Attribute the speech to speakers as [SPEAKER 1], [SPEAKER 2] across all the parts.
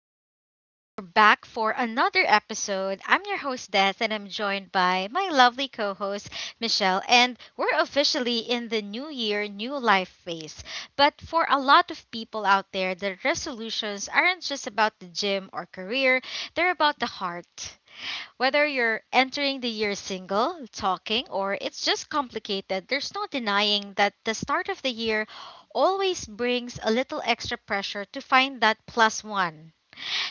[SPEAKER 1] Again, we're back for another episode. I'm your host, Des, and I'm joined by my lovely co host, Michelle. And we're officially in the new year, new life phase. But for a lot of people out there, the resolutions aren't just about the gym or career, they're about the heart. Whether you're entering the year single, talking, or it's just complicated, there's no denying that the start of the year always brings a little extra pressure to find that plus one.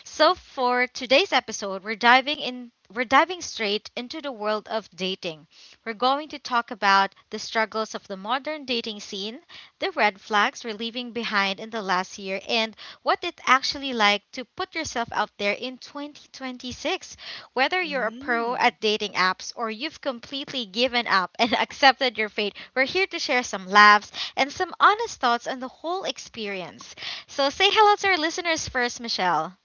[SPEAKER 1] So for today's episode, we're diving straight into the world of dating. We're going to talk about the struggles of the modern dating scene, the red flags we're leaving behind in the last year, and what it actually like to put yourself out there in 2026. Whether you're a pro
[SPEAKER 2] Mm.
[SPEAKER 1] at dating apps or you've completely given up and accepted your fate, we're here to share some laughs and some honest thoughts on the whole experience. So say hello to our listeners first, Michelle.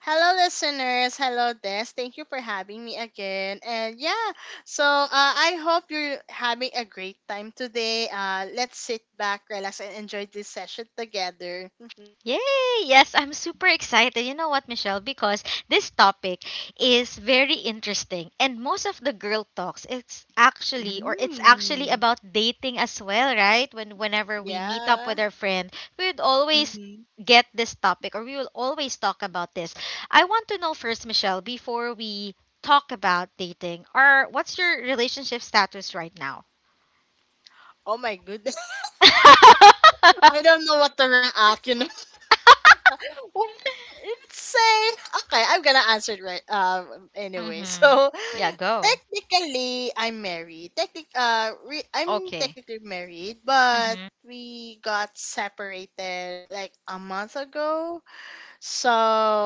[SPEAKER 2] Hello, listeners. Hello, Des. Thank you for having me again. And yeah, so I hope you're having a great time today. Let's sit back, relax, and enjoy this session together.
[SPEAKER 1] Yay! Yes, I'm super excited. You know what, Michelle? Because this topic is very interesting. And most of the girl talks, it's actually
[SPEAKER 2] Mm.
[SPEAKER 1] about dating as well, right? Whenever we meet up
[SPEAKER 2] Yeah.
[SPEAKER 1] with our friend, we would always
[SPEAKER 2] Mm-hmm.
[SPEAKER 1] get this topic or we will always talk about this. I want to know first, Michelle, before we talk about dating, or what's your relationship status right now?
[SPEAKER 2] Oh my goodness. I don't know what to react. Let's say okay, I'm gonna answer it right anyway.
[SPEAKER 1] Mhm.
[SPEAKER 2] So
[SPEAKER 1] Yeah, go.
[SPEAKER 2] technically I'm married. I'm
[SPEAKER 1] Okay.
[SPEAKER 2] technically married, but
[SPEAKER 1] Mm-hmm.
[SPEAKER 2] we got separated like a month ago. So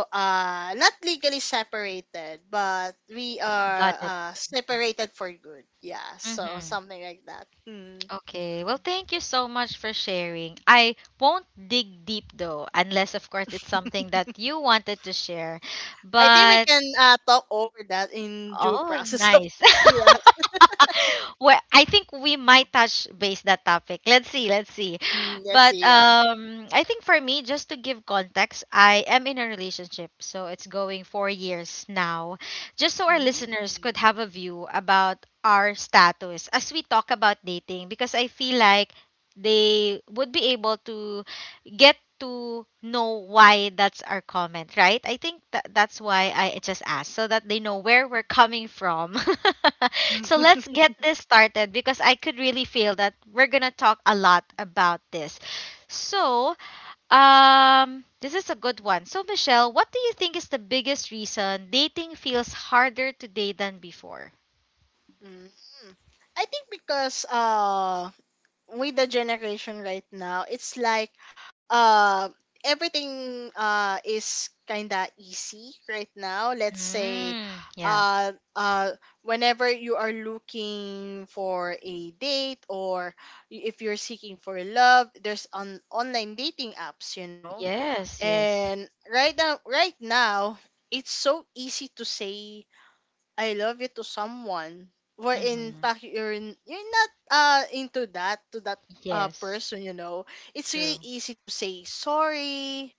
[SPEAKER 2] not legally separated, but we
[SPEAKER 1] Yeah,
[SPEAKER 2] are
[SPEAKER 1] got it.
[SPEAKER 2] separated for good. Yeah, so
[SPEAKER 1] Mm-hmm.
[SPEAKER 2] something like that. Hmm.
[SPEAKER 1] Okay. Well, thank you so much for sharing. I won't dig deep though, unless of course it's something that you wanted to share.
[SPEAKER 2] I think we
[SPEAKER 1] But
[SPEAKER 2] can talk over that in due
[SPEAKER 1] oh,
[SPEAKER 2] process of
[SPEAKER 1] nice.
[SPEAKER 2] yeah.
[SPEAKER 1] Well, I think we might touch base that topic. Let's see, let's see.
[SPEAKER 2] Mm, let's
[SPEAKER 1] But
[SPEAKER 2] see, yeah.
[SPEAKER 1] um, I think for me, just to give context, I am in a relationship, so it's going 4 years now. Just so our
[SPEAKER 2] Mm.
[SPEAKER 1] listeners could have a view about our status as we talk about dating, because I feel like they would be able to get to know why that's our comment, right? I think that's why I just asked so that they know where we're coming from. So let's get this started because I could really feel that we're going to talk a lot about this. So, this is a good one. So, Michelle, what do you think is the biggest reason dating feels harder today than before?
[SPEAKER 2] Mm. I think because with the generation right now, it's like uh everything is kinda easy right now. Let's say
[SPEAKER 1] Mm, yeah.
[SPEAKER 2] uh uh whenever you are looking for a date, or if you're seeking for love, there's on online dating apps, you know.
[SPEAKER 1] Yes, yes.
[SPEAKER 2] And right now it's so easy to say I love you to someone where in
[SPEAKER 1] Mhm.
[SPEAKER 2] fact you're not into that
[SPEAKER 1] Yes.
[SPEAKER 2] person, you know. It's
[SPEAKER 1] True.
[SPEAKER 2] really easy to say sorry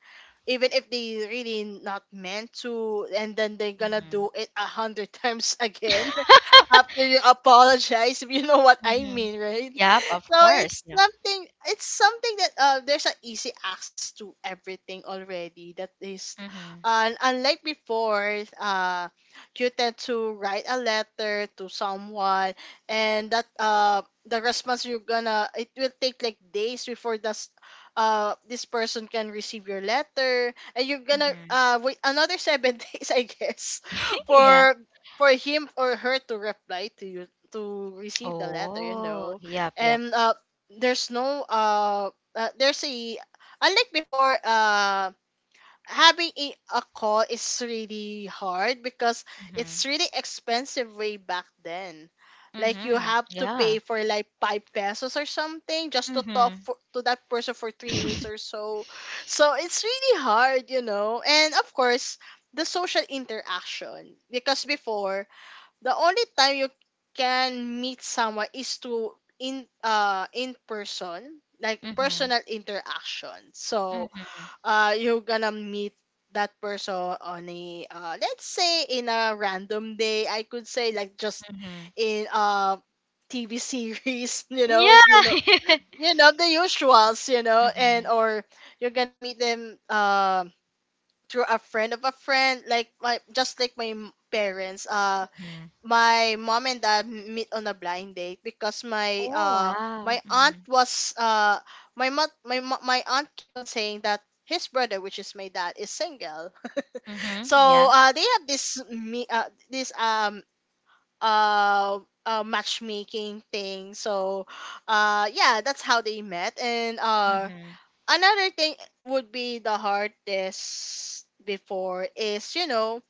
[SPEAKER 2] even if they really not meant to, and then they're gonna
[SPEAKER 1] Mhm.
[SPEAKER 2] do it a hundred times again after you apologize, if you know what I
[SPEAKER 1] Mhm.
[SPEAKER 2] mean, right?
[SPEAKER 1] Yep, of
[SPEAKER 2] So
[SPEAKER 1] course.
[SPEAKER 2] it's
[SPEAKER 1] Yeah.
[SPEAKER 2] something it's something that, there's an easy access to everything already that is.
[SPEAKER 1] Mhm.
[SPEAKER 2] And unlike before, you tend to write a letter to someone, and that the response you're gonna, it will take like days before this this person can receive your letter, and you're gonna
[SPEAKER 1] Mhm.
[SPEAKER 2] wait another 7 days, I guess,
[SPEAKER 1] Yeah.
[SPEAKER 2] for him or her to reply to you, to receive the letter, you
[SPEAKER 1] Oh,
[SPEAKER 2] know.
[SPEAKER 1] yep, yep.
[SPEAKER 2] And there's no there's a, unlike before, having a call is really hard because
[SPEAKER 1] Mhm.
[SPEAKER 2] it's really expensive way back then. Like you
[SPEAKER 1] Mhm.
[SPEAKER 2] have to pay
[SPEAKER 1] Yeah.
[SPEAKER 2] for like 5 pesos or something just to talk
[SPEAKER 1] Mhm.
[SPEAKER 2] for, to that person for 3 minutes or so. So it's really hard, you know. And of course, the social interaction, because before, the only time you can meet someone is to in person, like
[SPEAKER 1] Mhm.
[SPEAKER 2] personal interaction. So
[SPEAKER 1] Mhm.
[SPEAKER 2] you're gonna meet that person on a, let's say in a random day, I could say, like just
[SPEAKER 1] Mhm.
[SPEAKER 2] in TV series, you know, if you know,
[SPEAKER 1] Yeah.
[SPEAKER 2] you know, the usuals, you know. And
[SPEAKER 1] Mhm.
[SPEAKER 2] or you're gonna meet them through a friend of a friend, like my just like my parents.
[SPEAKER 1] Mhm.
[SPEAKER 2] My mom and dad meet on a blind date because my
[SPEAKER 1] Oh,
[SPEAKER 2] my
[SPEAKER 1] wow.
[SPEAKER 2] aunt
[SPEAKER 1] Mhm.
[SPEAKER 2] was my mom my mo- my aunt keep on saying that his brother, which is my dad, is single.
[SPEAKER 1] Mhm.
[SPEAKER 2] So
[SPEAKER 1] Yeah.
[SPEAKER 2] they have this uh, matchmaking thing. So yeah, that's how they met. And
[SPEAKER 1] Mhm.
[SPEAKER 2] another thing would be the hardest before is, you know,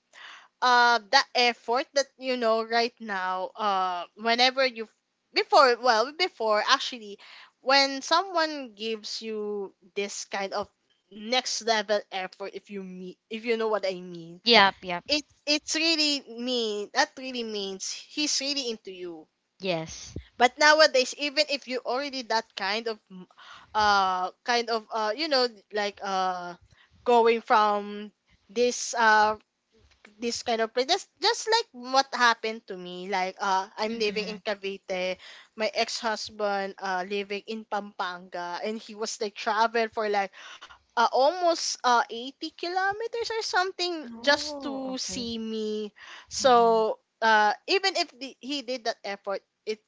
[SPEAKER 2] that effort that, you know, right now whenever you, before, well before actually, when someone gives you this kind of next level effort, if you meet, if you know what I mean,
[SPEAKER 1] Yep, yep.
[SPEAKER 2] it it's really mean that really means he's really into you.
[SPEAKER 1] Yes.
[SPEAKER 2] But nowadays, even if you already that kind of, kind of, you know, like, going from this uh this kind of place. That's just like what happened to me. Like, I'm living in
[SPEAKER 1] Mhm.
[SPEAKER 2] Cavite. My ex-husband living in Pampanga, and he was like travel for like, almost 80 kilometers or something just
[SPEAKER 1] Oh,
[SPEAKER 2] to
[SPEAKER 1] okay.
[SPEAKER 2] see me.
[SPEAKER 1] Mhm.
[SPEAKER 2] So even if he did that effort, it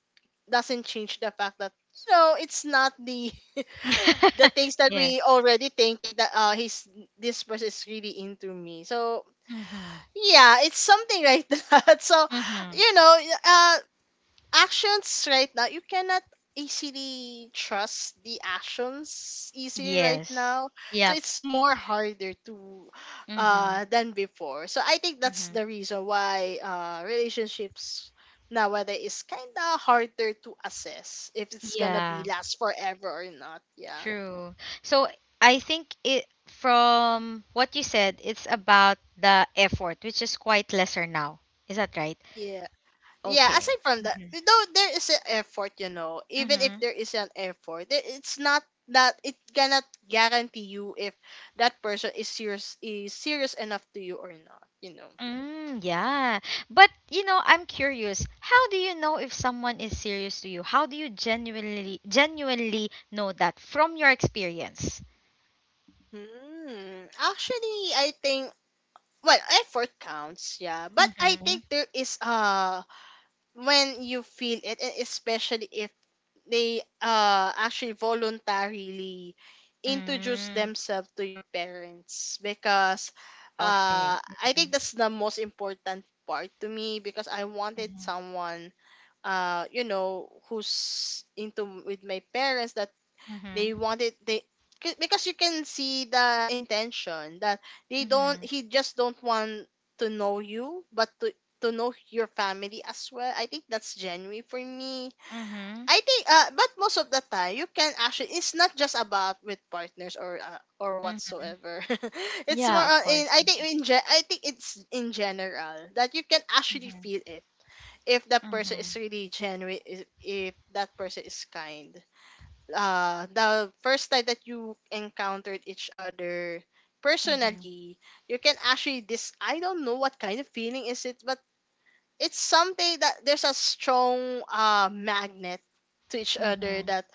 [SPEAKER 2] doesn't change the fact that, you know, it's not the the things that
[SPEAKER 1] Yeah.
[SPEAKER 2] we already thinking that, he's, this person is really into me. So
[SPEAKER 1] Mhm.
[SPEAKER 2] yeah, it's something like that. So,
[SPEAKER 1] Mhm.
[SPEAKER 2] you know, actions right now, you cannot easily trust the actions easily right
[SPEAKER 1] Yes.
[SPEAKER 2] now. So
[SPEAKER 1] Yep.
[SPEAKER 2] it's more harder to
[SPEAKER 1] Mhm.
[SPEAKER 2] than before. So I think that's
[SPEAKER 1] Mhm.
[SPEAKER 2] the reason why relationships nowadays is kind of harder to assess if it's gonna be
[SPEAKER 1] Yeah.
[SPEAKER 2] last forever or not. Yeah.
[SPEAKER 1] True. So I think it from what you said, it's about the effort, which is quite lesser now. Is that right?
[SPEAKER 2] Yeah, yeah
[SPEAKER 1] Okay.
[SPEAKER 2] aside from that,
[SPEAKER 1] Mm-hmm.
[SPEAKER 2] though, there is an effort, you know. Even if
[SPEAKER 1] Mm-hmm.
[SPEAKER 2] there is an effort, it's not that, it cannot guarantee you if that person is serious enough to you or not, you know.
[SPEAKER 1] Mm, yeah. But you know, I'm curious. How do you know if someone is serious to you? How do you genuinely know that from your experience?
[SPEAKER 2] Hmm, actually, I think, well, effort counts, yeah, but I
[SPEAKER 1] Mm-hmm.
[SPEAKER 2] think there is, when you feel it, and especially if they actually voluntarily introduce
[SPEAKER 1] Mm,
[SPEAKER 2] themselves to your parents. Because
[SPEAKER 1] okay.
[SPEAKER 2] I
[SPEAKER 1] Mm-hmm.
[SPEAKER 2] think that's the most important part to me, because I wanted
[SPEAKER 1] Mm-hmm.
[SPEAKER 2] someone you know, who's into, with my parents, that they wanted, because you can see the intention that they
[SPEAKER 1] Mm-hmm.
[SPEAKER 2] don't he just don't want to know you, but to know your family as well. I think that's genuine for me.
[SPEAKER 1] Mm-hmm.
[SPEAKER 2] I think, but most of the time you can actually, it's not just about with partners or, or
[SPEAKER 1] Mm-hmm.
[SPEAKER 2] whatsoever. It's more
[SPEAKER 1] Yeah, of
[SPEAKER 2] on in,
[SPEAKER 1] course.
[SPEAKER 2] I think, I think it's in general, that you can actually
[SPEAKER 1] Mm-hmm.
[SPEAKER 2] feel it if that person
[SPEAKER 1] Mm-hmm.
[SPEAKER 2] is really genuine, if that person is kind. The first time that you encountered each other
[SPEAKER 1] Mm-hmm.
[SPEAKER 2] personally, you can actually, this, I don't know what kind of feeling is it, but it's something that there's a strong magnet to each other,
[SPEAKER 1] Mm-hmm.
[SPEAKER 2] that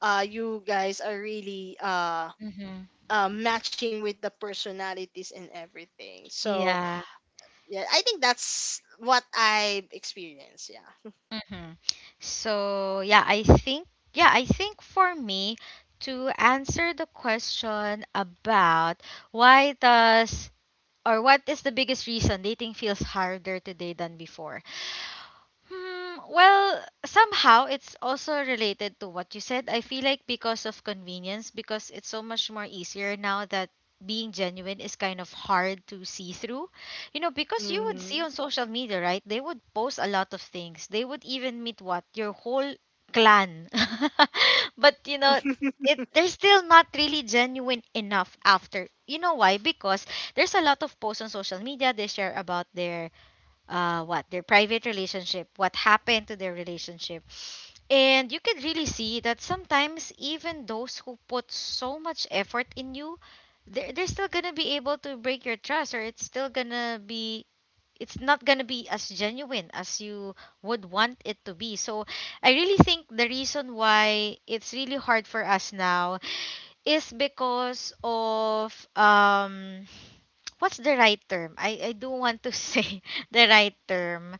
[SPEAKER 2] you guys are really
[SPEAKER 1] Mm-hmm.
[SPEAKER 2] matching with the personalities and everything. So,
[SPEAKER 1] Yeah.
[SPEAKER 2] yeah, I think that's what I've experienced. Yeah.
[SPEAKER 1] Mm-hmm. So, yeah, I think for me to answer the question about why does or what is the biggest reason dating feels harder today than before? Hmm, well, somehow it's also related to what you said. I feel like because of convenience, because it's so much more easier now that being genuine is kind of hard to see through. You know, because you would see
[SPEAKER 2] Mm-hmm.
[SPEAKER 1] on social media, right? They would post a lot of things. They would even meet what? Your whole clan. But, you know, it, they're still not really genuine enough after. You know why? Because there's a lot of posts on social media. They share about their what their private relationship, what happened to their relationship. And you can really see that sometimes even those who put so much effort in you, they're still gonna be able to break your trust or it's not gonna be as genuine as you would want it to be. So I really think the reason why it's really hard for us now is because of what's the right term? I do want to say the right term.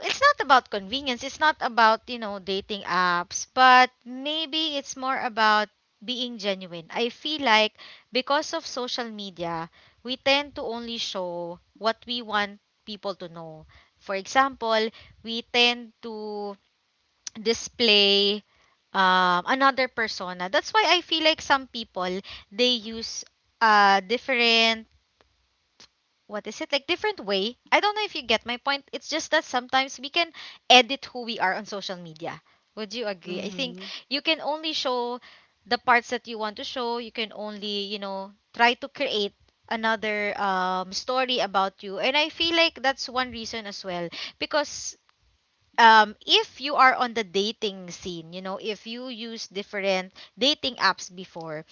[SPEAKER 1] It's not about convenience. It's not about, you know, dating apps, but maybe it's more about being genuine. I feel like because of social media, we tend to only show what we want people to know. For example, we tend to display another persona. That's why I feel like some people they use different what is it like different way. I don't know if you get my point. It's just that sometimes we can edit who we are on social media. Would you agree? I think
[SPEAKER 2] Mm-hmm.
[SPEAKER 1] you can only show the parts that you want to show. You can only, you know, try to create another story about you. And I feel like that's one reason as well because if you are on the dating scene, you know, if you use different dating apps before,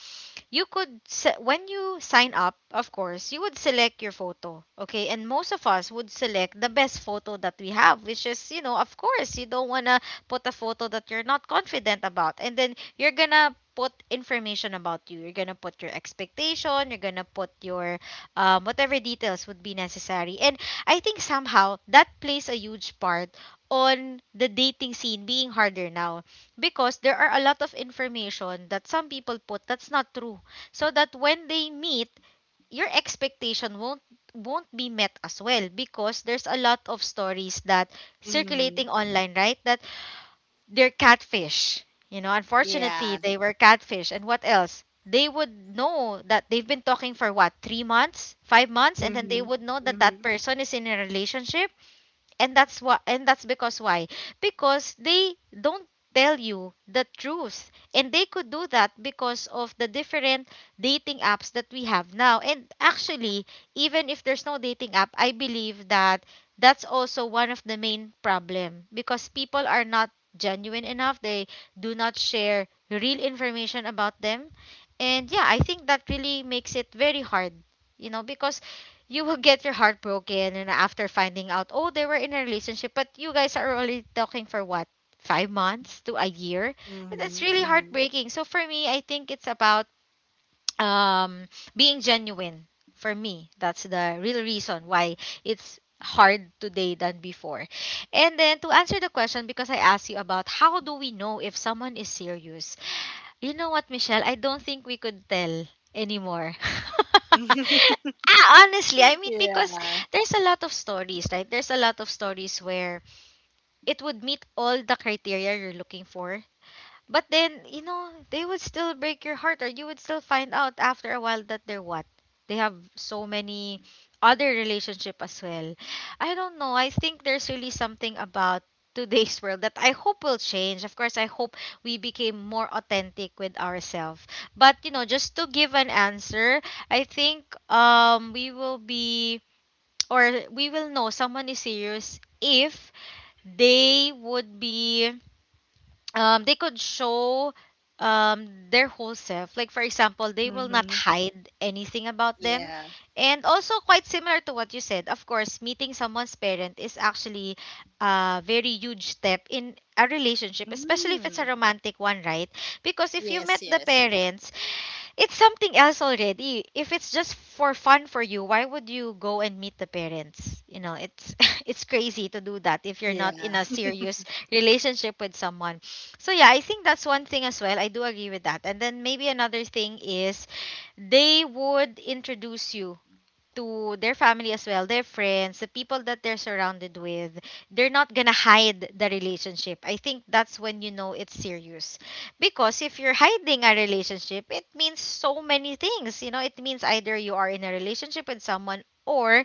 [SPEAKER 1] you could when you sign up, of course you would select your photo. Okay, and most of us would select the best photo that we have, which is, you know, of course you don't want to put a photo that you're not confident about. And then you're gonna put information about you, you're gonna put your expectation, you're gonna put your whatever details would be necessary. And I think somehow that plays a huge part on the dating scene being harder now because there are a lot of information that some people put that's not true. So that when they meet, your expectation won't be met as well, because there's a lot of stories that circulating
[SPEAKER 2] Mm-hmm.
[SPEAKER 1] online, right? That they're catfish. You know, unfortunately
[SPEAKER 2] Yeah.
[SPEAKER 1] they were catfish. And what else, they would know that they've been talking for what, 3 months, 5 months, and then they
[SPEAKER 2] Mm-hmm.
[SPEAKER 1] would know that that
[SPEAKER 2] Mm-hmm.
[SPEAKER 1] person is in a relationship. And that's because why? Because they don't tell you the truth, and they could do that because of the different dating apps that we have now. And actually, even if there's no dating app, I believe that that's also one of the main problem, because people are not genuine enough, they do not share real information about them. And yeah, I think that really makes it very hard, you know, because you will get your heart broken and after finding out, oh, they were in a relationship, but you guys are only talking for what, 5 months to a year. And
[SPEAKER 2] Mm-hmm.
[SPEAKER 1] that's really
[SPEAKER 2] Mm-hmm.
[SPEAKER 1] heartbreaking. So for me, I think it's about um being genuine. For me, that's the real reason why it's hard today than before. And then to answer the question, because I asked you about how do we know if someone is serious. You know what, Michelle? I don't think we could tell anymore. Ah, honestly, I mean, because
[SPEAKER 2] Yeah.
[SPEAKER 1] there's a lot of stories, right? There's a lot of stories where it would meet all the criteria you're looking for. But then, you know, they would still break your heart or you would still find out after a while that they're what? They have so many other relationship as well. I don't know. I think there's really something about today's world that I hope will change. Of course, I hope we became more authentic with ourselves. But, you know, just to give an answer, I think we will be or we will know someone is serious if they would be they could show their whole self, like for example they will not
[SPEAKER 2] Mm-hmm.
[SPEAKER 1] hide anything about them.
[SPEAKER 2] Yeah.
[SPEAKER 1] And also quite similar to what you said, of course meeting someone's parent is actually a very huge step in a relationship, especially if it's a
[SPEAKER 2] Mm.
[SPEAKER 1] romantic one, right? Because if you met
[SPEAKER 2] Yes,
[SPEAKER 1] the
[SPEAKER 2] yes.
[SPEAKER 1] parents, it's something else already. If it's just for fun for you, why would you go and meet the parents? You know, it's it's crazy to do that if you're not in
[SPEAKER 2] Yeah.
[SPEAKER 1] a serious relationship with someone. So yeah, I think that's one thing as well. I do agree with that. And then maybe another thing is they would introduce you to their family as well, their friends, the people that they're surrounded with, they're not gonna hide the relationship. I think that's when you know it's serious. Because if you're hiding a relationship, it means so many things. You know, it means either you are in a relationship with someone or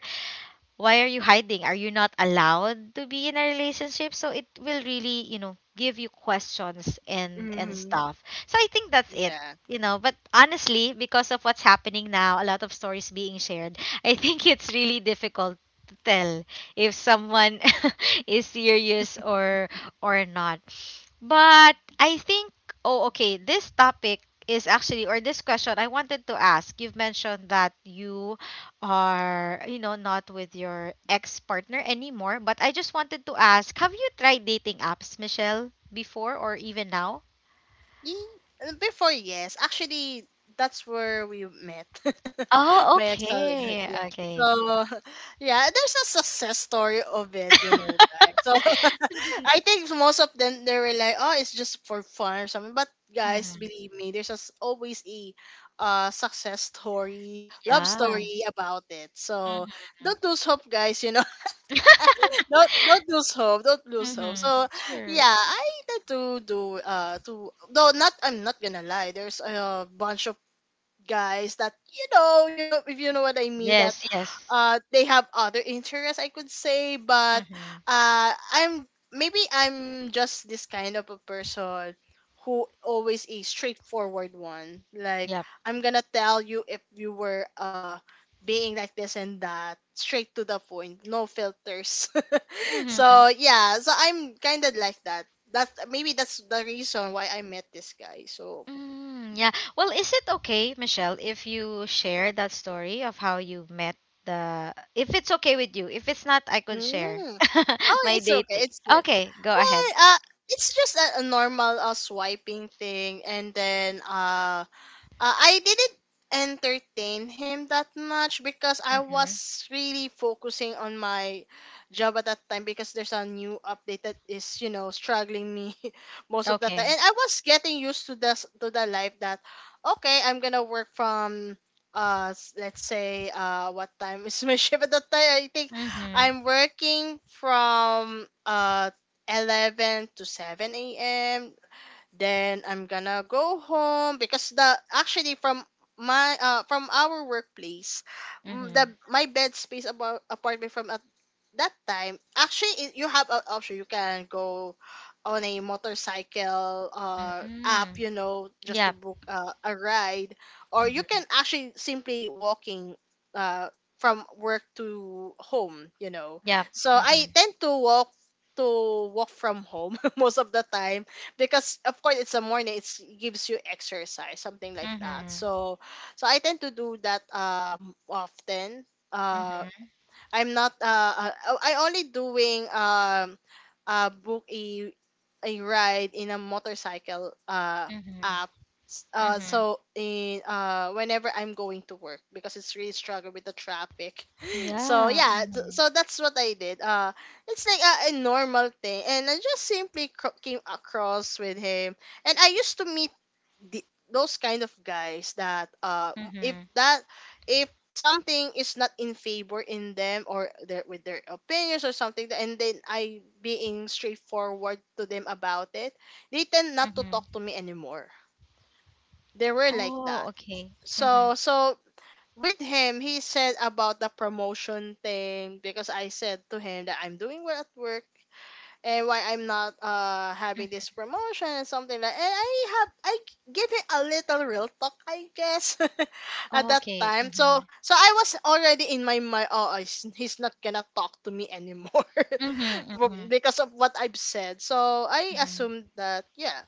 [SPEAKER 1] why are you hiding? Are you not allowed to be in a relationship? So it will really, you know, give you questions and
[SPEAKER 2] Mm-hmm.
[SPEAKER 1] stuff. So I think that's it.
[SPEAKER 2] Yeah.
[SPEAKER 1] You know, but honestly, because of what's happening now, a lot of stories being shared, I think it's really difficult to tell if someone is serious or not. But I think, oh, okay, this topic is actually, or this question I wanted to ask. You've mentioned that you are, not with your ex partner anymore. But I just wanted to ask, have you tried dating apps, Michelle, before or even now?
[SPEAKER 2] Ye- Before, yes. Actually, that's where we met.
[SPEAKER 1] Oh,
[SPEAKER 2] My ex.
[SPEAKER 1] okay.
[SPEAKER 2] Yeah.
[SPEAKER 1] Okay.
[SPEAKER 2] So, yeah, there's a success story of it, you know, guys. So, I think most of them they were like, oh, it's just for fun or something. But guys,
[SPEAKER 1] Mm,
[SPEAKER 2] believe me, there's just always a, success story, love
[SPEAKER 1] yeah.
[SPEAKER 2] story about it. So
[SPEAKER 1] Mm-hmm.
[SPEAKER 2] don't lose hope, guys. You know. Don't lose hope. Don't lose hope. So
[SPEAKER 1] Sure.
[SPEAKER 2] yeah, I needed to do to though, not, I'm not gonna lie. There's a bunch of guys that, if you know what I mean, that
[SPEAKER 1] Yes, yes.
[SPEAKER 2] they have other interests, I could say, but
[SPEAKER 1] Mm-hmm.
[SPEAKER 2] I'm, maybe I'm just this kind of a person who always a straightforward one, like
[SPEAKER 1] Yep.
[SPEAKER 2] I'm gonna tell you if you were being like this and that, straight to the point, no filters.
[SPEAKER 1] Mm-hmm.
[SPEAKER 2] So yeah, so I'm kind of like that. That's maybe that's the reason why I met this guy. So.
[SPEAKER 1] Mm, yeah. Well, is it okay, Michelle, if you share that story of how you met the if it's okay with you. If it's not, I could share
[SPEAKER 2] Mm. Oh,
[SPEAKER 1] my
[SPEAKER 2] it's okay.
[SPEAKER 1] dating.
[SPEAKER 2] It's good.
[SPEAKER 1] Okay, go
[SPEAKER 2] Well,
[SPEAKER 1] ahead.
[SPEAKER 2] it's just a normal, swiping thing, and then, I didn't entertain him that much because I
[SPEAKER 1] Mm-hmm.
[SPEAKER 2] was really focusing on my job at that time, because there's a new update that is, you know, struggling me most of the time.
[SPEAKER 1] Okay.
[SPEAKER 2] And I was getting used to this, to the life that, okay, I'm gonna work from, let's say, what time is my shift at that time? I think
[SPEAKER 1] Mm-hmm.
[SPEAKER 2] I'm working from 11 to 7 a.m., then I'm gonna go home because the actually from my from our workplace, the
[SPEAKER 1] Mm-hmm.
[SPEAKER 2] my bed space about apartment from that time, actually, it, you have an option, you can go on a motorcycle
[SPEAKER 1] Mm-hmm.
[SPEAKER 2] app, you know, just to
[SPEAKER 1] Yep.
[SPEAKER 2] book a ride, or you
[SPEAKER 1] Mm-hmm.
[SPEAKER 2] can actually simply walking uh from work to home, you know.
[SPEAKER 1] Yep.
[SPEAKER 2] So
[SPEAKER 1] Mm-hmm.
[SPEAKER 2] I tend to walk from home most of the time, because of course it's a morning, it gives you exercise, something like that.
[SPEAKER 1] Mm-hmm.
[SPEAKER 2] So so I tend to do that often. uh
[SPEAKER 1] Mm-hmm.
[SPEAKER 2] I'm not I only doing book a ride in a motorcycle
[SPEAKER 1] Mm-hmm.
[SPEAKER 2] app.
[SPEAKER 1] Mm-hmm.
[SPEAKER 2] So in, whenever I'm going to work, because it's really struggle with the traffic. So
[SPEAKER 1] Yeah.
[SPEAKER 2] yeah,
[SPEAKER 1] Mm-hmm.
[SPEAKER 2] so that's what I did. It's like a normal thing, and I just simply came across with him, and I used to meet the, those kind of guys that if
[SPEAKER 1] Mm-hmm.
[SPEAKER 2] that if something is not in favor in them or their with their opinions or something, and then I being straightforward to them about it, they tend not to
[SPEAKER 1] Mm-hmm.
[SPEAKER 2] talk to me anymore. They were like
[SPEAKER 1] Oh,
[SPEAKER 2] that.
[SPEAKER 1] okay. Mm-hmm.
[SPEAKER 2] So with him, he said about the promotion thing because I said to him that I'm doing well at work and why I'm not having this
[SPEAKER 1] Mm-hmm.
[SPEAKER 2] promotion and something like, and I give it a little real talk, I guess. At that
[SPEAKER 1] Okay.
[SPEAKER 2] time, so
[SPEAKER 1] Mm-hmm.
[SPEAKER 2] so I was already in my mind, oh, he's not gonna talk to me anymore.
[SPEAKER 1] Mm-hmm. Mm-hmm.
[SPEAKER 2] Because of what I've said, so I
[SPEAKER 1] Mm-hmm.
[SPEAKER 2] assumed that. Yeah,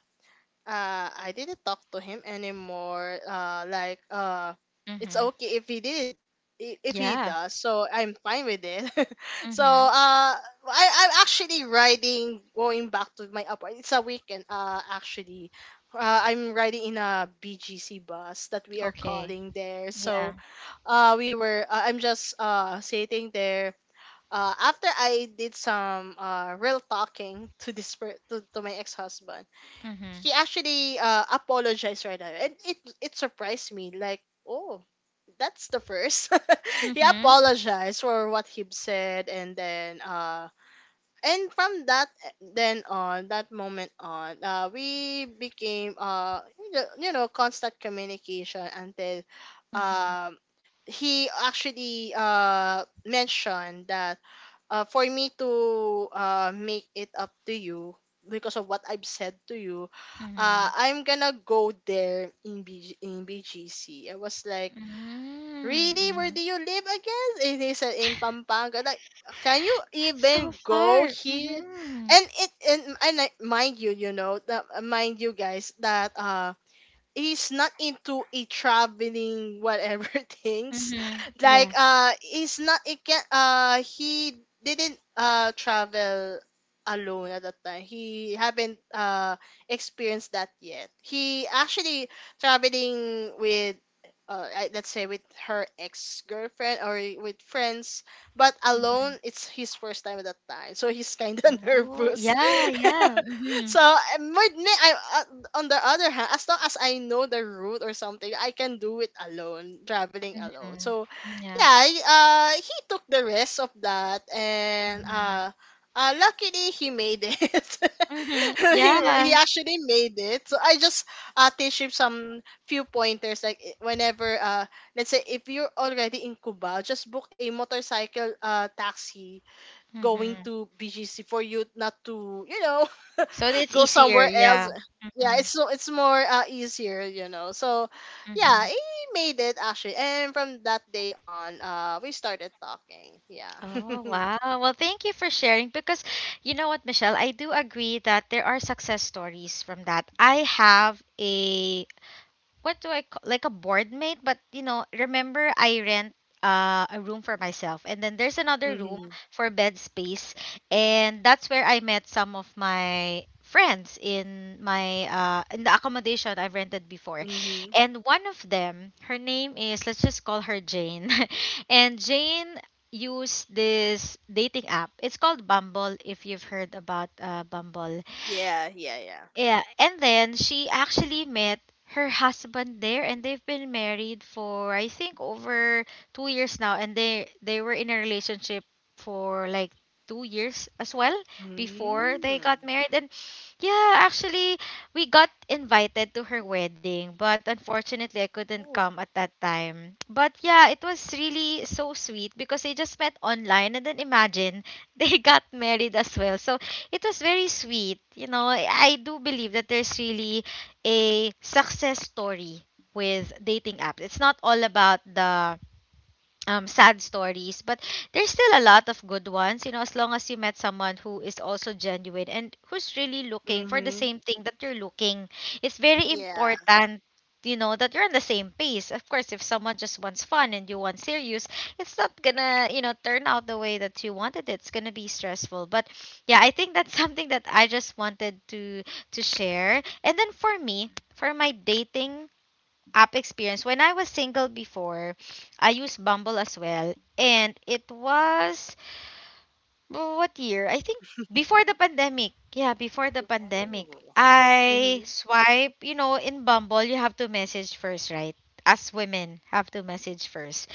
[SPEAKER 2] I didn't talk to him anymore. It's
[SPEAKER 1] Mm-hmm.
[SPEAKER 2] okay if he did, if he
[SPEAKER 1] Yeah.
[SPEAKER 2] does. So I'm fine with it. so
[SPEAKER 1] Mm-hmm.
[SPEAKER 2] uh, I I'm actually riding going back to my apartment. It's a weekend. Actually, I'm riding in a BGC bus that we are
[SPEAKER 1] Okay.
[SPEAKER 2] calling there. So
[SPEAKER 1] Yeah.
[SPEAKER 2] we were. I'm just sitting there. After I did some real talking to to my ex husband,
[SPEAKER 1] Mm-hmm.
[SPEAKER 2] he actually apologized right now, and it surprised me. Like, oh, that's the first. He
[SPEAKER 1] Mm-hmm.
[SPEAKER 2] apologized for what he said, and then and from that then on that moment on, we became, you know, constant communication until
[SPEAKER 1] Mm-hmm.
[SPEAKER 2] um he actually mentioned that, for me to, make it up to you because of what I've said to you,
[SPEAKER 1] Mm-hmm.
[SPEAKER 2] I'm gonna go there in BGC. I was like,
[SPEAKER 1] Mm-hmm.
[SPEAKER 2] really? Where
[SPEAKER 1] Mm-hmm.
[SPEAKER 2] do you live again? And he said in Pampanga. Like, can you
[SPEAKER 1] That's so
[SPEAKER 2] even go
[SPEAKER 1] far.
[SPEAKER 2] here?
[SPEAKER 1] Mm-hmm.
[SPEAKER 2] And it and I, mind you, you know, that, mind you guys that he's not into a traveling, whatever, things.
[SPEAKER 1] Mm-hmm.
[SPEAKER 2] Like,
[SPEAKER 1] Yeah.
[SPEAKER 2] he's not it can he didn't travel alone at that time. He haven't experienced that yet. He actually traveling with, let's say, with her ex-girlfriend, or with friends, but alone, it's his first time at that time, so he's kind of
[SPEAKER 1] Oh,
[SPEAKER 2] nervous.
[SPEAKER 1] yeah, yeah. Mm-hmm.
[SPEAKER 2] So with me, I, on the other hand, as long as I know the route or something, I can do it alone, traveling alone. So,
[SPEAKER 1] Mm-hmm. Yeah.
[SPEAKER 2] yeah, he took the risk of that, and
[SPEAKER 1] Mm-hmm.
[SPEAKER 2] luckily he made it.
[SPEAKER 1] Mm-hmm.
[SPEAKER 2] He
[SPEAKER 1] Yeah.
[SPEAKER 2] actually made it. So I just teach him some few pointers, like, whenever, let's say, if you're already in Cuba, just book a motorcycle taxi going
[SPEAKER 1] Mm-hmm.
[SPEAKER 2] to BGC for you not to, you know,
[SPEAKER 1] So it's
[SPEAKER 2] go
[SPEAKER 1] easier.
[SPEAKER 2] somewhere else.
[SPEAKER 1] Yeah.
[SPEAKER 2] Yeah,
[SPEAKER 1] Mm-hmm.
[SPEAKER 2] it's more easier, you know. So,
[SPEAKER 1] Mm-hmm.
[SPEAKER 2] yeah, he made it actually, and from that day on, we started talking. Yeah.
[SPEAKER 1] Oh, wow. Well, thank you for sharing, because you know what, Michelle, I do agree that there are success stories from that. I have a, what do I call, like a board mate, but you know, remember I rent a room for myself, and then there's another room
[SPEAKER 2] Mhm.
[SPEAKER 1] for bed space, and that's where I met some of my friends in my in the accommodation I've rented before,
[SPEAKER 2] Mhm.
[SPEAKER 1] and one of them, her name is, let's just call her Jane, and Jane used this dating app. It's called Bumble. If you've heard about Bumble,
[SPEAKER 2] Yeah. Yeah. Yeah.
[SPEAKER 1] yeah, and then she actually met her husband there, and they've been married for I think over 2 years now, and they were in a relationship for like 2 years as well before
[SPEAKER 2] Mhm.
[SPEAKER 1] they got married. And yeah, actually we got invited to her wedding, but unfortunately I couldn't come at that time. But yeah, it was really so sweet because they just met online, and then imagine they got married as well. So it was very sweet. You know, I do believe that there's really a success story with dating apps. It's not all about the sad stories, but there's still a lot of good ones, you know, as long as you met someone who is also genuine and who's really looking for the
[SPEAKER 2] Mhm.
[SPEAKER 1] same thing that you're looking. It's very
[SPEAKER 2] Yeah.
[SPEAKER 1] important, you know, that you're on the same pace. Of course, if someone just wants fun and you want serious, it's not gonna, you know, turn out the way that you wanted. It's gonna be stressful. But yeah, I think that's something that I just wanted to share. And then for me, for my dating app experience. When I was single before, I used Bumble as well. And it was, oh, what year? I think before the pandemic. Yeah, before the pandemic.
[SPEAKER 2] Oh.
[SPEAKER 1] I
[SPEAKER 2] Mhm.
[SPEAKER 1] swipe, you know, in Bumble you have to message first, right? Us women have to message first.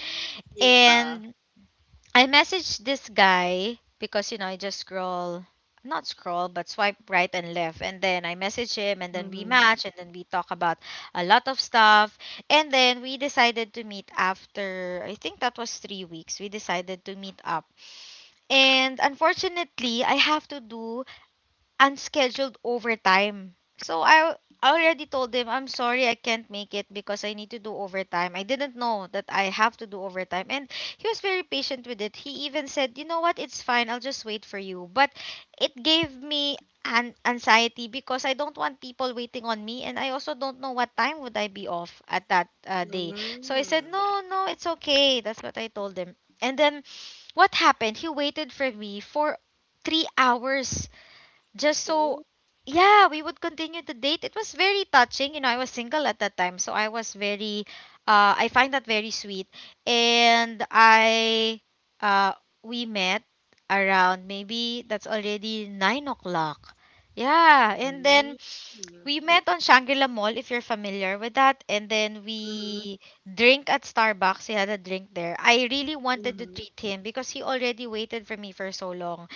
[SPEAKER 2] Yeah.
[SPEAKER 1] And I messaged this guy because you know I just scroll, not scroll, but swipe right and left, and then I message him, and then we
[SPEAKER 2] Mhm.
[SPEAKER 1] match, and then we talk about a lot of stuff, and then we decided to meet after, I think that was 3 weeks. We decided to meet up, and unfortunately, I have to do unscheduled overtime. So I already told him, I'm sorry, I can't make it because I need to do overtime. I didn't know that I have to do overtime. And he was very patient with it. He even said, you know what? It's fine. I'll just wait for you. But it gave me an anxiety because I don't want people waiting on me. And I also don't know what time would I be off at that day. So I said,
[SPEAKER 2] Mhm.
[SPEAKER 1] no, no, it's okay. That's what I told him. And then what happened? He waited for me for 3 hours just so
[SPEAKER 2] Oh.
[SPEAKER 1] yeah, we would continue the date. It was very touching, you know, I was single at that time, so I was very, I find that very sweet, and I, uh we met around maybe that's already 9 o'clock. Yeah, and then
[SPEAKER 2] Mhm. Mhm.
[SPEAKER 1] we met on Shangri-La Mall, if you're familiar with that, and then we drink at Starbucks. He had a drink there. I really wanted to
[SPEAKER 2] Mhm.
[SPEAKER 1] treat him because he already waited for me for so long,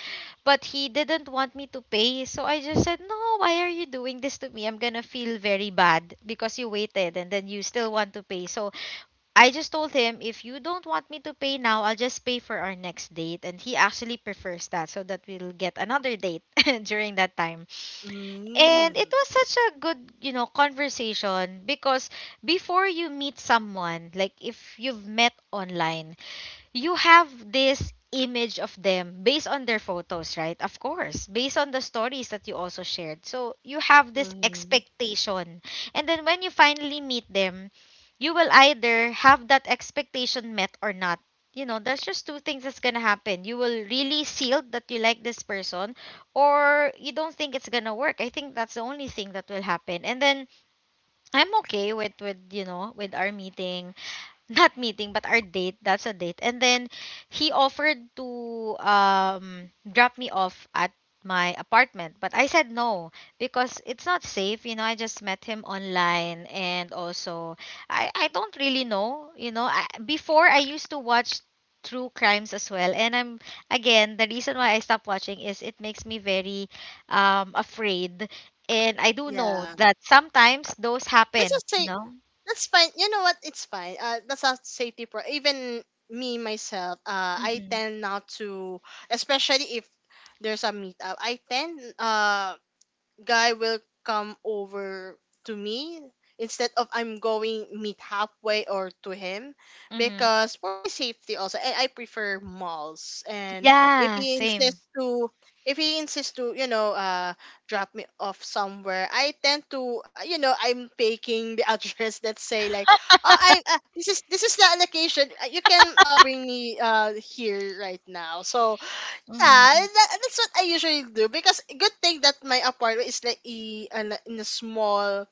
[SPEAKER 1] but he didn't want me to pay. So I just said, no, why are you doing this to me? I'm going to feel very bad because you waited and then you still want to pay. So I just told him, if you don't want me to pay now, I'll just pay for our next date. And he actually prefers that so that we'll get another date during that time. And it
[SPEAKER 2] Mhm.
[SPEAKER 1] was such a good, you know, conversation because before you meet someone, like if you've met online, you have this image of them based on their photos, right? Of course, based on the stories that you also shared. So you have this
[SPEAKER 2] Mhm.
[SPEAKER 1] expectation. And then when you finally meet them, you will either have that expectation met or not. You know, there's just two things that's gonna happen. You will really seal that you like this person, or you don't think it's gonna work. I think that's the only thing that will happen. And then I'm okay with you know with our meeting, not meeting, but our date, that's a date. And then he offered to drop me off at my apartment, but I said no, because it's not safe, you know, I just met him online, and also, I don't really know, you know I, before I used to watch true crimes as well, and I'm, again, the reason why I stopped watching is it makes me very afraid, and I do know
[SPEAKER 2] Yeah.
[SPEAKER 1] that sometimes those
[SPEAKER 2] That's
[SPEAKER 1] happen,
[SPEAKER 2] the
[SPEAKER 1] you
[SPEAKER 2] same.
[SPEAKER 1] know.
[SPEAKER 2] That's fine. You know what? It's fine. That's a safety pro. Even me myself, I
[SPEAKER 1] Mm-hmm.
[SPEAKER 2] tend not to, especially if there's a meetup. I tend, guy will come over to me instead of I'm going meet halfway or to him,
[SPEAKER 1] Mm-hmm.
[SPEAKER 2] because for my safety also, and I prefer malls. And if
[SPEAKER 1] Yeah,
[SPEAKER 2] he
[SPEAKER 1] same.
[SPEAKER 2] insists to if he insists to, you know, drop me off somewhere, I tend to, you know, I'm faking the address, that say like, oh, I this is the allocation. You can, bring me here right now. So yeah,
[SPEAKER 1] Mhm.
[SPEAKER 2] that's what I usually do, because good thing that my apartment is like, in a small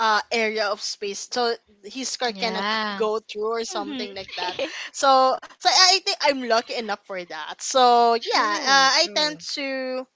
[SPEAKER 2] area of space, so his car cannot
[SPEAKER 1] Yeah.
[SPEAKER 2] go through or
[SPEAKER 1] Mhm.
[SPEAKER 2] something like that. So I think I'm lucky enough for that. So yeah,
[SPEAKER 1] True,
[SPEAKER 2] I tend
[SPEAKER 1] true.
[SPEAKER 2] to.